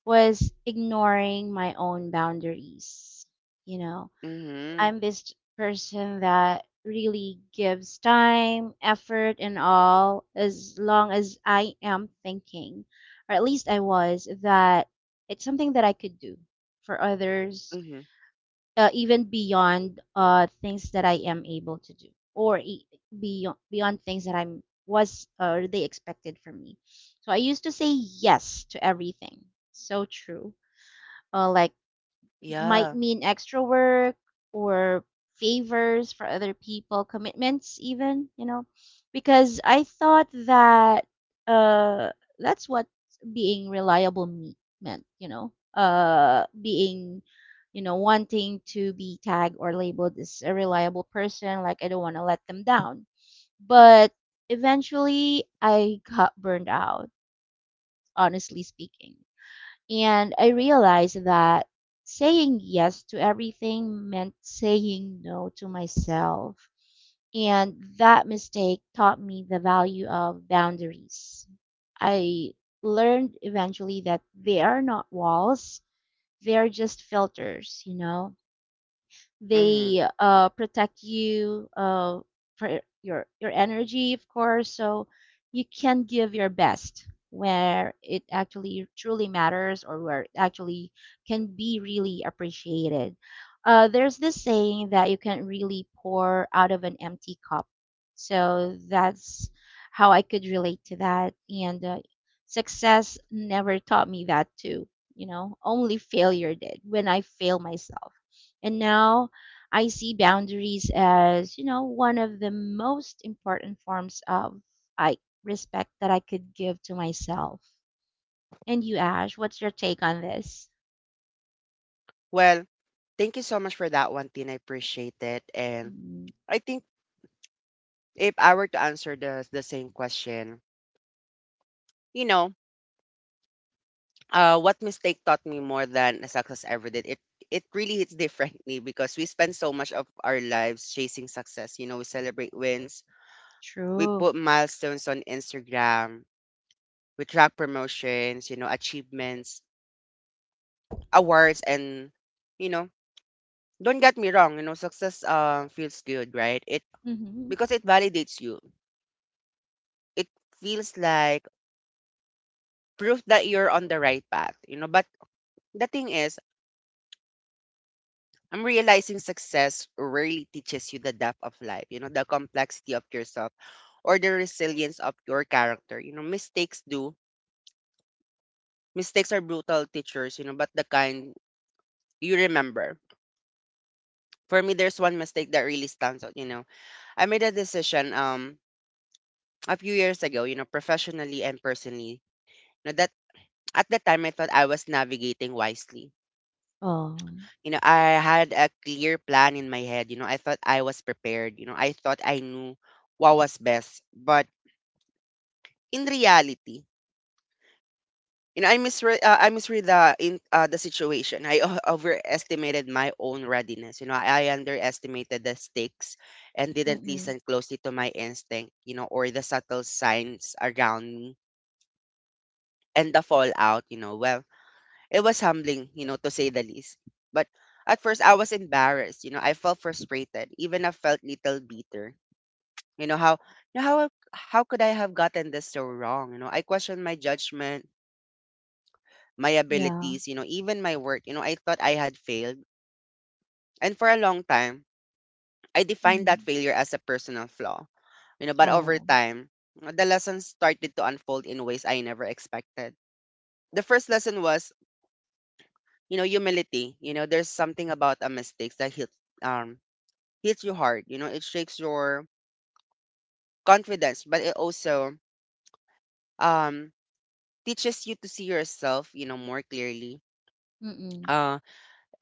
[SPEAKER 2] was ignoring my own boundaries. You know,
[SPEAKER 1] Mhm,
[SPEAKER 2] I'm this person that really gives time, effort, and all, as long as I am thinking, or at least I was, that it's something that I could do for others,
[SPEAKER 1] mhm.
[SPEAKER 2] even beyond things that I am able to do, or beyond things that I'm was, or they expected from me. So I used to say yes to everything. So true. Like, might
[SPEAKER 1] Yeah,
[SPEAKER 2] mean extra work or favors for other people, commitments even, you know, because I thought that uh that's what being reliable meant, you know, being, you know, wanting to be tagged or labeled as a reliable person, like I don't want to let them down. But eventually I got burned out, honestly speaking. And I realized that saying yes to everything meant saying no to myself. And that mistake taught me the value of boundaries. I learned eventually that they are not walls, they are just filters, you know,
[SPEAKER 1] mhm.
[SPEAKER 2] they protect you, for your energy, of course. So you can give your best where it actually truly matters, or where it actually can be really appreciated. There's this saying that you can't really pour out of an empty cup. So that's how I could relate to that. And success never taught me that too, you know, only failure did, when I fail myself. And now I see boundaries as, you know, one of the most important forms of I respect that I could give to myself. And you, Ash, what's your take on this?
[SPEAKER 1] Well, thank you so much for that one, Tin. I appreciate it. And
[SPEAKER 2] Mm,
[SPEAKER 1] I think if I were to answer the same question, you know, what mistake taught me more than success ever did? It really hits differently because we spend so much of our lives chasing success. You know, we celebrate wins, we
[SPEAKER 2] true.
[SPEAKER 1] put milestones on Instagram, we track promotions, achievements, awards, and you know, don't get me wrong, success feels good, right? It
[SPEAKER 2] Mm-hmm.
[SPEAKER 1] Because it validates you. It feels like proof that you're on the right path, you know. But the thing is I'm realizing success rarely teaches you the depth of life, the complexity of yourself or the resilience of your character. You know, mistakes do. Mistakes are brutal teachers, but the kind you remember. For me, there's one mistake that really stands out, you know. I made a decision a few years ago, professionally and personally. That at the time I thought I was navigating wisely.
[SPEAKER 2] Oh.
[SPEAKER 1] You know, I had a clear plan in my head, I thought I was prepared, I thought I knew what was best. But in reality, I misread the in the situation. I overestimated my own readiness. You know, I underestimated the stakes and didn't
[SPEAKER 2] Mm-mm.
[SPEAKER 1] listen closely to my instinct. You know, or the subtle signs around me and the fallout. You know, well, it was humbling. You know, to say the least. But at first, I was embarrassed. You know, I felt frustrated. Even I felt little bitter. You know how you know, how how could I have gotten this so wrong? You know, I questioned my judgment my
[SPEAKER 2] Yeah.
[SPEAKER 1] abilities, even my work. You know, I thought I had failed. And for a long time, I defined
[SPEAKER 2] Mm-hmm.
[SPEAKER 1] that failure as a personal flaw. You know, but over
[SPEAKER 2] Oh.
[SPEAKER 1] time, the lessons started to unfold in ways I never expected. The first lesson was, humility. You know, there's something about a mistakes that hits um hits you hard. You know, it shakes your confidence, but it also um teaches you to see yourself, more clearly.
[SPEAKER 2] Mm-mm.
[SPEAKER 1] Um,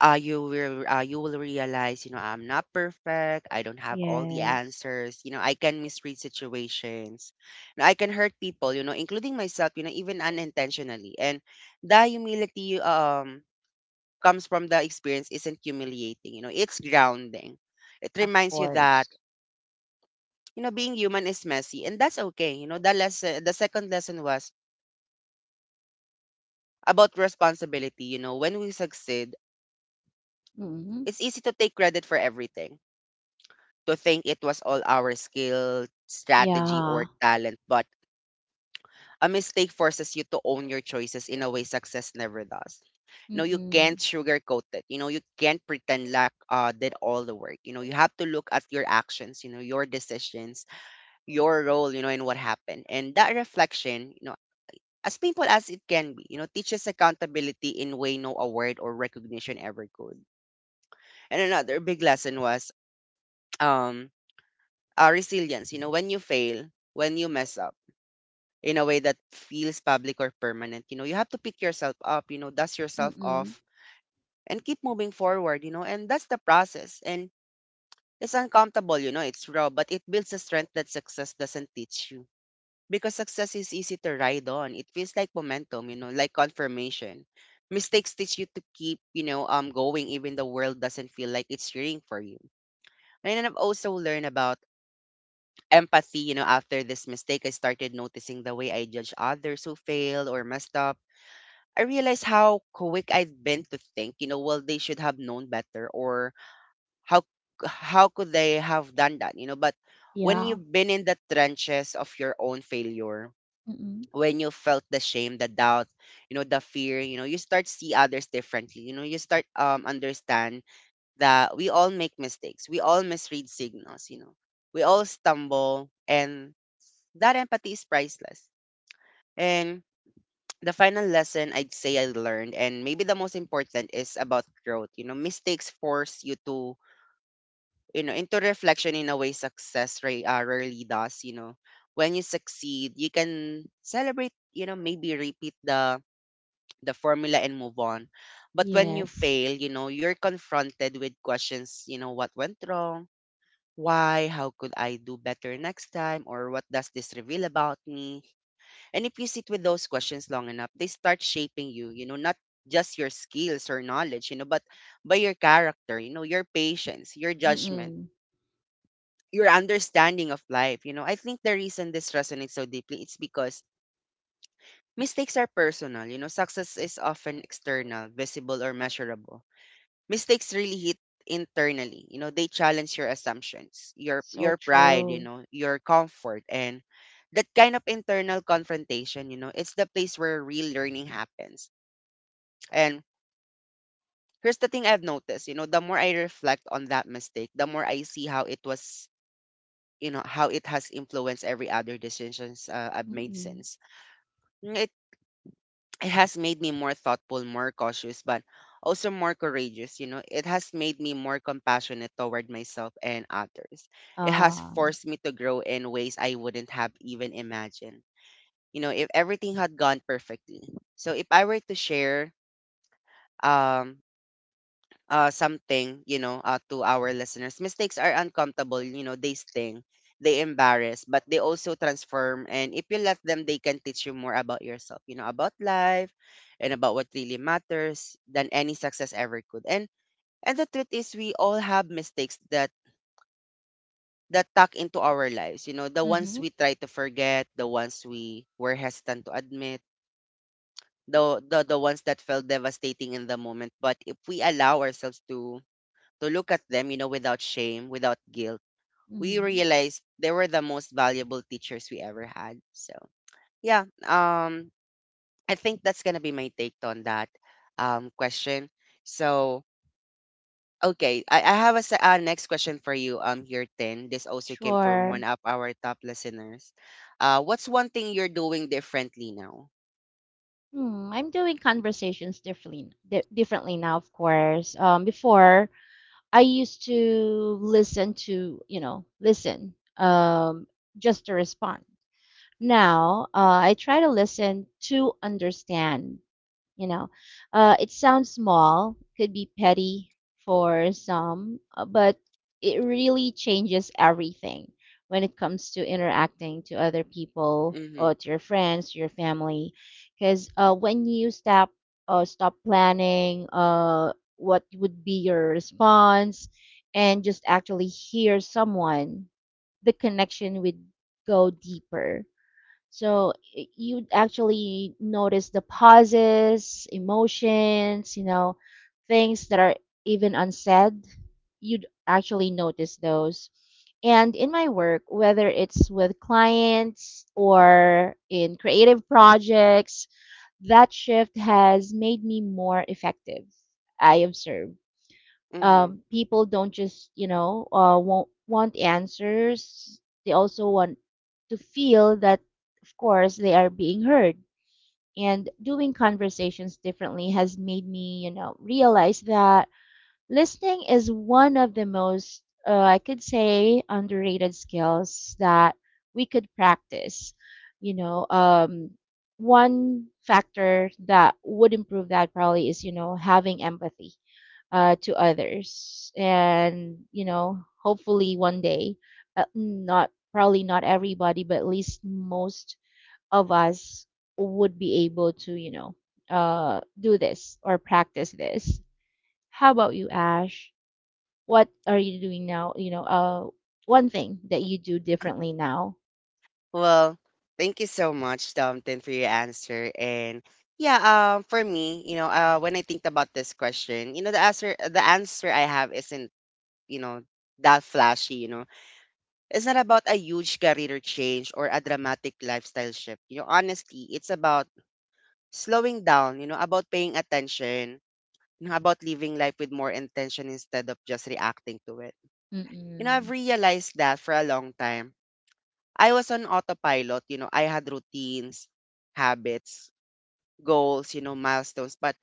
[SPEAKER 1] you will realize, you know, I'm not perfect, I don't have all the
[SPEAKER 2] Yes.
[SPEAKER 1] answers, you know, I can misread situations and I can hurt people, you know, including myself, you know, even unintentionally. And the humility comes from the experience isn't humiliating, you know, it's grounding. It
[SPEAKER 2] Of
[SPEAKER 1] reminds you that,
[SPEAKER 2] course.
[SPEAKER 1] being human is messy and that's okay. You know, the second lesson was about responsibility. You know, when we succeed,
[SPEAKER 2] Mm-hmm.
[SPEAKER 1] it's easy to take credit for everything, to think it was all our skill, strategy,
[SPEAKER 2] Yeah.
[SPEAKER 1] or talent, but a mistake forces you to own your choices in a way success never does. No, you
[SPEAKER 2] Mm-mm.
[SPEAKER 1] can't sugarcoat it. You know, you can't pretend like did all the work. You know, you have to look at your actions, your decisions, your role, and what happened. And that reflection, as painful as it can be, teaches accountability in way no award or recognition ever could. And another big lesson was um resilience. You know, when you fail, when you mess up in a way that feels public or permanent, you have to pick yourself up, dust yourself
[SPEAKER 2] Mm-mm.
[SPEAKER 1] off and keep moving forward, and that's the process. And it's uncomfortable, it's raw, but it builds a strength that success doesn't teach you. Because success is easy to ride on. It feels like momentum, like confirmation. Mistakes teach you to keep, going even the world doesn't feel like it's cheering for you. And I've also learned about empathy, after this mistake, I started noticing the way I judge others who failed or messed up. I realized how quick I've been to think, well, they should have known better or how how could they have done that, you know? But when
[SPEAKER 2] Yeah.
[SPEAKER 1] you've been in the trenches of your own failure,
[SPEAKER 2] Mm-mm.
[SPEAKER 1] when you felt the shame, the doubt, the fear, you start see others differently. You start understand that we all make mistakes. We all misread signals, you know. We all stumble and that empathy is priceless. And the final lesson I'd say I learned, and maybe the most important, is about growth. You know, mistakes force you to, into reflection in a way success rarely does. You know, when you succeed, you can celebrate. You know, maybe repeat the formula and move on. But when you
[SPEAKER 2] Yes.
[SPEAKER 1] fail, you're confronted with questions. You know, what went wrong? Why? How could I do better next time? Or what does this reveal about me? And if you sit with those questions long enough, they start shaping you, not just your skills or knowledge, but by your character, your patience, your judgment,
[SPEAKER 2] Mm-mm.
[SPEAKER 1] your understanding of life. You know, I think the reason this resonates so deeply is because mistakes are personal, success is often external, visible or measurable. Mistakes really hit internally. You know, they challenge your assumptions, your
[SPEAKER 2] So
[SPEAKER 1] pride,
[SPEAKER 2] true.
[SPEAKER 1] your comfort and that kind of internal confrontation, it's the place where real learning happens. And here's the thing I've noticed, the more I reflect on that mistake, the more I see how it was, how it has influenced every other decisions I've made since. It has made me more thoughtful, more cautious, but also more courageous. You know, it has made me more compassionate toward myself and others. It has
[SPEAKER 2] Uh
[SPEAKER 1] forced me to grow in ways I wouldn't have even imagined. You know, if everything had gone perfectly. So if I were to share um something, to our listeners. Mistakes are uncomfortable, they sting, they embarrass, but they also transform. And if you let them, they can teach you more about yourself, about life and about what really matters than any success ever could. And the truth is we all have mistakes that tuck into our lives, the ones
[SPEAKER 2] Mm-hmm.
[SPEAKER 1] we try to forget, the ones we were hesitant to admit, the ones that felt devastating in the moment. But if we allow ourselves to look at them, without shame, without guilt, we
[SPEAKER 2] Mm-hmm.
[SPEAKER 1] realized they were the most valuable teachers we ever had. So yeah, I think that's gonna be my take on that question. So okay, I have a next question for you. Here ten. This also came from one
[SPEAKER 2] Sure.
[SPEAKER 1] of our top listeners. What's one thing you're doing differently now?
[SPEAKER 2] Hmm, I'm doing conversations differently, differently now, of course. Before, I used to listen to, you know, listen, just to respond. Now, I try to listen to understand, you know, it sounds small, could be petty for some, but it really changes everything when it comes to interacting to other people,
[SPEAKER 1] Mm-hmm,
[SPEAKER 2] or to your friends, to your family, because when you stop, stop planning, what would be your response, and just actually hear someone, the connection would go deeper. So you actually notice the pauses, emotions, you know, things that are even unsaid. You'd actually notice those. And in my work, whether it's with clients or in creative projects, that shift has made me more effective, I observe.
[SPEAKER 1] mm-hmm.
[SPEAKER 2] People don't just, you know, won't want answers, they also want to feel that, of course, they are being heard. And doing conversations differently has made me, you know, realize that listening is one of the most, I could say, underrated skills that we could practice, you know um, one factor that would improve that probably is, you know, having empathy, to others. And, you know, hopefully one day, not probably not everybody, but at least most of us would be able to, you know, do this or practice this. How about you, Ash? What are you doing now? You know, one thing that you do differently now.
[SPEAKER 1] Well, thank you so much, Dumpton, for your answer. And yeah, for me, when I think about this question, the answer I have isn't, you know, that flashy. You know, it's not about a huge career change or a dramatic lifestyle shift. You know, honestly, it's about slowing down. You know, about paying attention. You know, about living life with more intention instead of just reacting to it. I've
[SPEAKER 2] Mm-mm.
[SPEAKER 1] realized that for a long time I was on autopilot. I had routines, habits, goals, milestones, but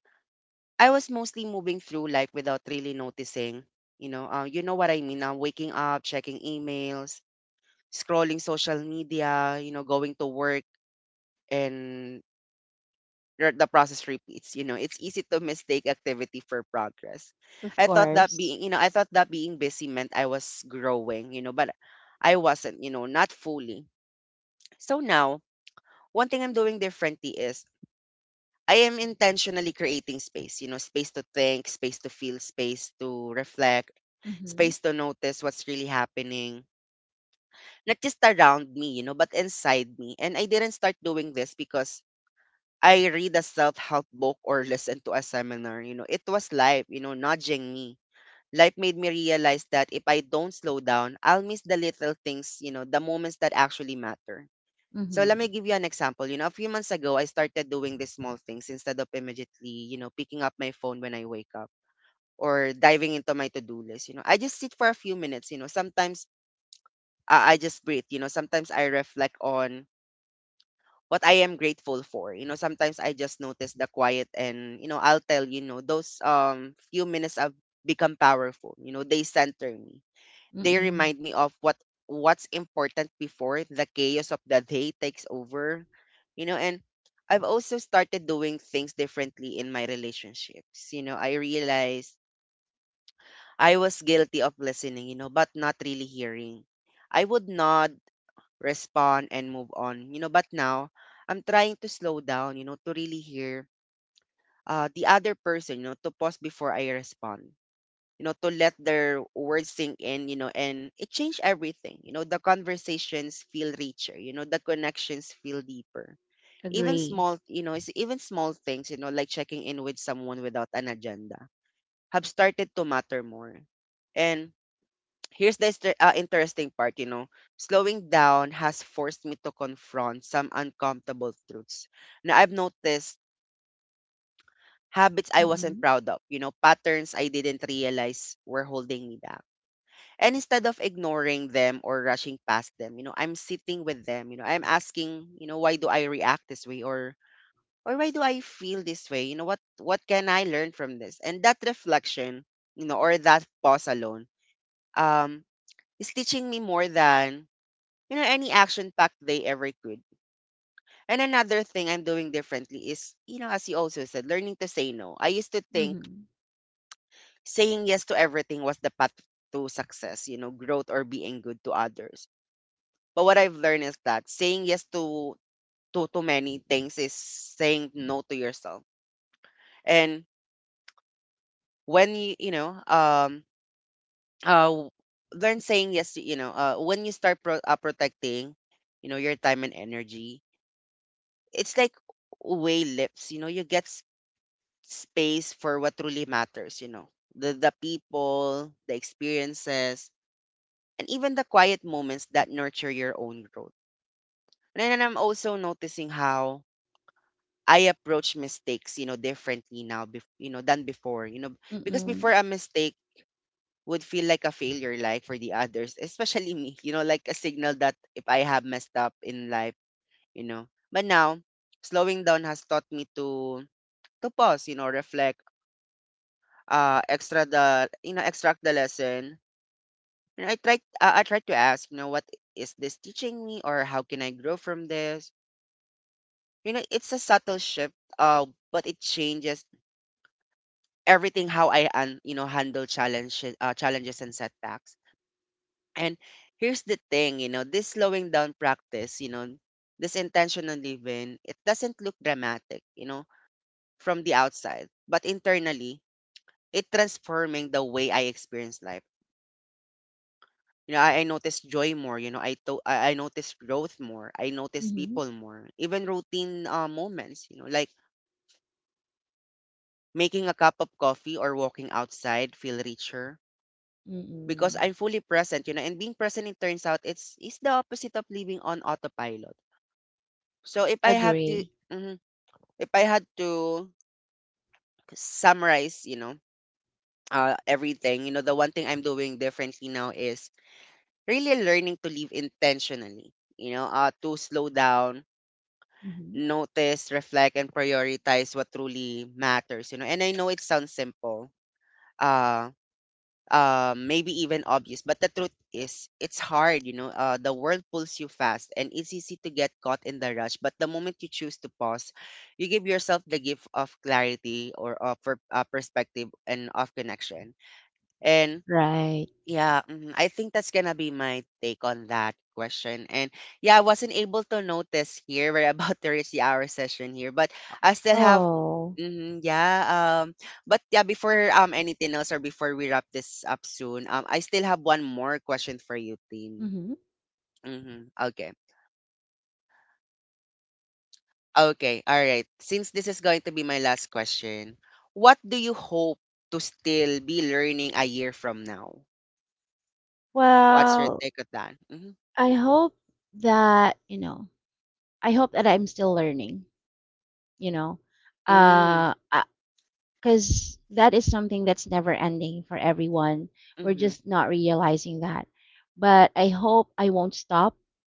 [SPEAKER 1] I was mostly moving through life without really noticing. You know what I mean. I'm waking up, checking emails, scrolling social media, going to work, and the process repeats. It's easy to mistake activity for progress.
[SPEAKER 2] Of course.
[SPEAKER 1] I thought that being busy meant I was growing, but I wasn't. Not fully. So now one thing I'm doing differently is I am intentionally creating space, space to think, space to feel, space to reflect,
[SPEAKER 2] Mm-hmm.
[SPEAKER 1] space to notice what's really happening, not just around me, but inside me. And I didn't start doing this because I read a self help book or listen to a seminar. It was life, nudging me. Life made me realize that if I don't slow down, I'll miss the little things, the moments that actually matter. So let me
[SPEAKER 2] Mm-hmm.
[SPEAKER 1] give you an example. A few months ago, I started doing these small things instead of immediately, picking up my phone when I wake up or diving into my to-do list. I just sit for a few minutes. You know, sometimes I just breathe. Sometimes I reflect on what I am grateful for. Sometimes I just notice the quiet, and, I'll tell those few minutes have become powerful. They center me. They
[SPEAKER 2] Mm-mm.
[SPEAKER 1] remind me of what's important before the chaos of the day takes over. And I've also started doing things differently in my relationships. I realized I was guilty of listening, but not really hearing. I would nod, respond, and move on. But now I'm trying to slow down, to really hear the other person, to pause before I respond, to let their words sink in, and it changed everything. The conversations feel richer, the connections feel deeper. Even
[SPEAKER 2] Agree.
[SPEAKER 1] small, you know, It's even small things, like checking in with someone without an agenda, have started to matter more. And here's the interesting part. Slowing down has forced me to confront some uncomfortable truths. Now I've noticed habits I wasn't
[SPEAKER 2] Mm-mm.
[SPEAKER 1] proud of, patterns I didn't realize were holding me back. And instead of ignoring them or rushing past them, I'm sitting with them. I'm asking, why do I react this way, or why do I feel this way? What can I learn from this? And that reflection, or that pause alone, um, is teaching me more than any action packed they ever could. And another thing I'm doing differently is, as you also said, learning to say no. I used to think
[SPEAKER 2] Mm-hmm.
[SPEAKER 1] saying yes to everything was the path to success, growth or being good to others. But what I've learned is that saying yes to too many things is saying no to yourself. And when you know uh learn saying yes to, when you start protecting your time and energy, it's like way lips. You get space for what truly matters. The people, the experiences, and even the quiet moments that nurture your own growth. And then I'm also noticing how I approach mistakes, differently now, than before. Because
[SPEAKER 2] Mm-mm.
[SPEAKER 1] before, a mistake would feel like a failure, like for the others, especially me, like a signal that if I have messed up in life. But now, slowing down has taught me to pause, reflect, extract the lesson. And I try to ask, what is this teaching me, or how can I grow from this? It's a subtle shift, uh, but it changes everything how I un, you know handle challenges and setbacks. And here's the thing, this slowing down practice, this intentional living, it doesn't look dramatic, from the outside, but internally, it transforming the way I experience life. I notice joy more. I notice growth more. I notice
[SPEAKER 2] Mm-hmm.
[SPEAKER 1] people more. Even routine moments, like making a cup of coffee or walking outside feel richer because
[SPEAKER 2] Mm-mm.
[SPEAKER 1] I'm fully present, and being present, it turns out, it's the opposite of living on autopilot. So if I have to,
[SPEAKER 2] Agree.
[SPEAKER 1] mhm, If I had to summarize, everything, the one thing I'm doing differently now is really learning to live intentionally. To slow down,
[SPEAKER 2] Mm-hmm.
[SPEAKER 1] notice, reflect, and prioritize what truly matters. And I know it sounds simple, uh, maybe even obvious. But the truth is, it's hard. The world pulls you fast, and it's easy to get caught in the rush. But the moment you choose to pause, you give yourself the gift of clarity, or of perspective, and of connection. And
[SPEAKER 2] Right.
[SPEAKER 1] yeah. Mhm. I think that's gonna be my take on that question. And yeah, I wasn't able to notice here. We're about to reach the hour session here, but I still have.
[SPEAKER 2] Oh.
[SPEAKER 1] Mhm, yeah. But yeah, before anything else, or before we wrap this up soon, I still have one more question for you, Tin.
[SPEAKER 2] Mm-hmm.
[SPEAKER 1] Mm-hmm. Okay. Okay. All right. Since this is going to be my last question, what do you hope to still be learning a year from now? What's your
[SPEAKER 2] Well,
[SPEAKER 1] take on that? Mm-hmm.
[SPEAKER 2] I hope that, you know, I hope that I'm still learning, you know.
[SPEAKER 1] Mm.
[SPEAKER 2] I, because that is something that's never ending for everyone. We're
[SPEAKER 1] Mm-hmm.
[SPEAKER 2] just not realizing that. But I hope I won't stop.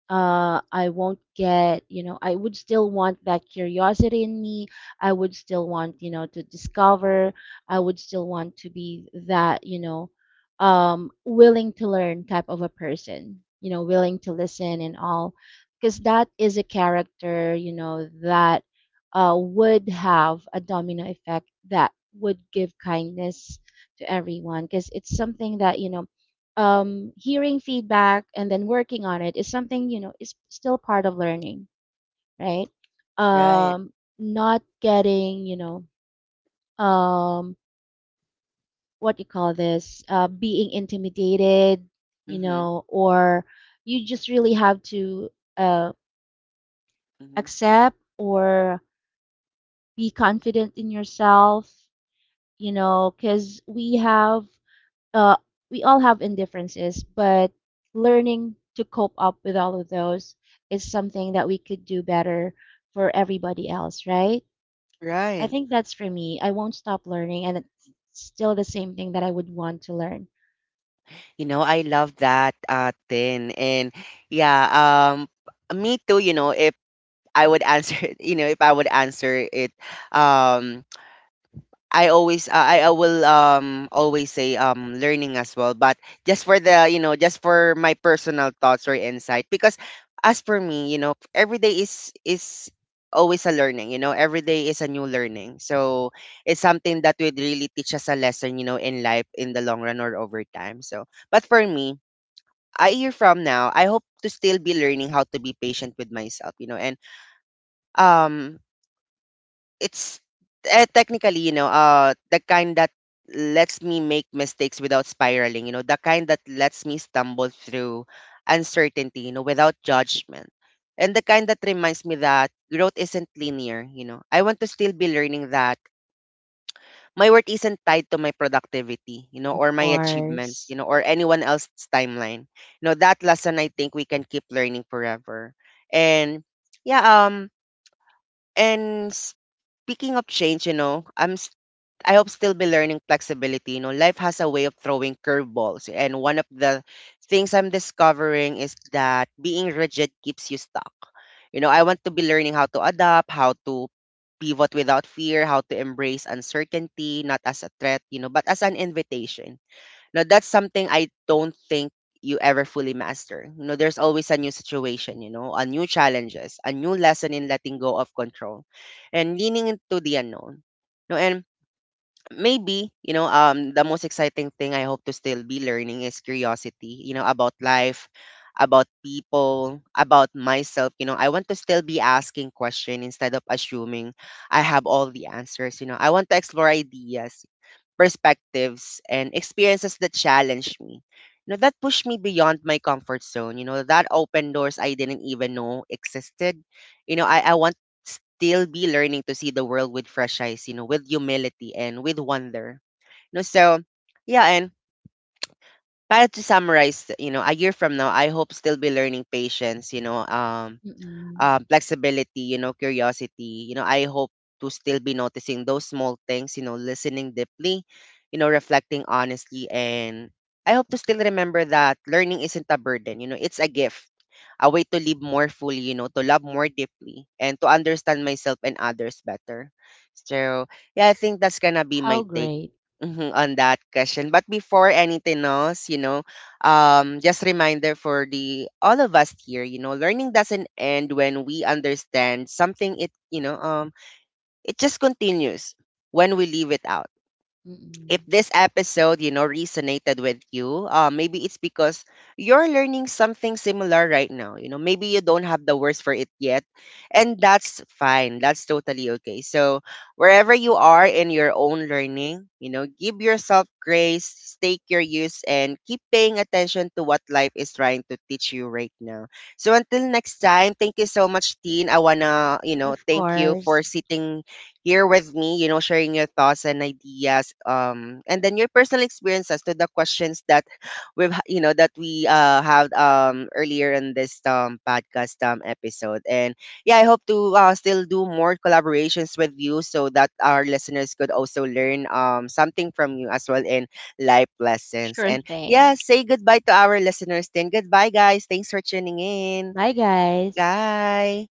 [SPEAKER 2] I won't get, you know, I would still want that curiosity in me. I would still want, you know, to discover. I would still want to be that, you know, willing to learn type of a person, you know, willing to listen and all. Because that is a character, you know, that would have a domino effect, that would give kindness to everyone, because it's something that, you know, hearing feedback and then working on it is something, you know, is still part of learning, right?
[SPEAKER 1] Right.
[SPEAKER 2] um, Not getting, you know, um, what you call this, being intimidated,
[SPEAKER 1] Mm.
[SPEAKER 2] you
[SPEAKER 1] Mhm.
[SPEAKER 2] know, or you just really have to uh,
[SPEAKER 1] Mm. Mhm.
[SPEAKER 2] accept, or be confident in yourself, you know, because we have, uh, we all have indifferences, but learning to cope up with all of those is something that we could do better for everybody else, right? I
[SPEAKER 1] Right.
[SPEAKER 2] think that's for me. I won't stop learning, and it's still the same thing that I would want to learn.
[SPEAKER 1] I love that thing. And yeah, um me too. If I would answer, if I would answer it, um I always I will always say learning as well, but just for the you know just for my personal thoughts or insight. Because as for me, every day is always a learning. Every day is a new learning, so it's something that would really teach us a lesson in life, in the long run or over time. So but for me, a year from now, I hope to still be learning how to be patient with myself. And um it's technically, the kind that lets me make mistakes without spiraling, the kind that lets me stumble through uncertainty, without judgment. And the kind that reminds me that growth isn't linear. I want to still be learning that my worth isn't tied to my productivity,
[SPEAKER 2] Of
[SPEAKER 1] or my achievements,
[SPEAKER 2] course.
[SPEAKER 1] or anyone else's timeline. That lesson, I think we can keep learning forever. And yeah, and speaking of change, I hope still be learning flexibility. Life has a way of throwing curveballs. And one of the things I'm discovering is that being rigid keeps you stuck. I want to be learning how to adapt, how to pivot without fear, how to embrace uncertainty, not as a threat, but as an invitation. Now, that's something I don't think you ever fully master. There's always a new situation, a new challenges, a new lesson in letting go of control and leaning into the unknown. No, and maybe the most exciting thing I hope to still be learning is curiosity. About life, about people, about myself. I want to still be asking question instead of assuming I have all the answers. I want to explore ideas, perspectives, and experiences that challenged me. That pushed me beyond my comfort zone. That opened doors I didn't even know existed. I want still be learning to see the world with fresh eyes, with humility and with wonder. You know, so yeah, and but to summarize, a year from now, I hope still be learning patience,
[SPEAKER 2] Mm-mm.
[SPEAKER 1] flexibility, curiosity. I hope to still be noticing those small things, listening deeply, reflecting honestly. And I hope to still remember that learning isn't a burden, it's a gift, a way to live more fully, to love more deeply and to understand myself and others better. So, yeah, I think that's gonna be
[SPEAKER 2] How
[SPEAKER 1] my take
[SPEAKER 2] great.
[SPEAKER 1] mhm, on that question. But before anything else, just reminder for the all of us here, learning doesn't end when we understand something, it, it just continues when we leave it out. If
[SPEAKER 2] Mm-mm.
[SPEAKER 1] this episode, resonated with you, maybe it's because you're learning something similar right now. Maybe you don't have the words for it yet, and that's fine. That's totally okay. So, wherever you are in your own learning, give yourself grace, stay curious, and keep paying attention to what life is trying to teach you right now. So, until next time, thank you so much, Teen. I wanna,
[SPEAKER 2] Of
[SPEAKER 1] thank you for
[SPEAKER 2] course.
[SPEAKER 1] sitting here with me, sharing your thoughts and ideas, and then your personal experiences to the questions that we've, ha- you know, that we had earlier in this podcast episode. And yeah, I hope to still do more collaborations with you so that our listeners could also learn something from you as well in life lessons.
[SPEAKER 2] Sure
[SPEAKER 1] And yeah,
[SPEAKER 2] thing.
[SPEAKER 1] say goodbye to our listeners. Then goodbye, guys. Thanks for tuning in.
[SPEAKER 2] Bye, guys.
[SPEAKER 1] Bye.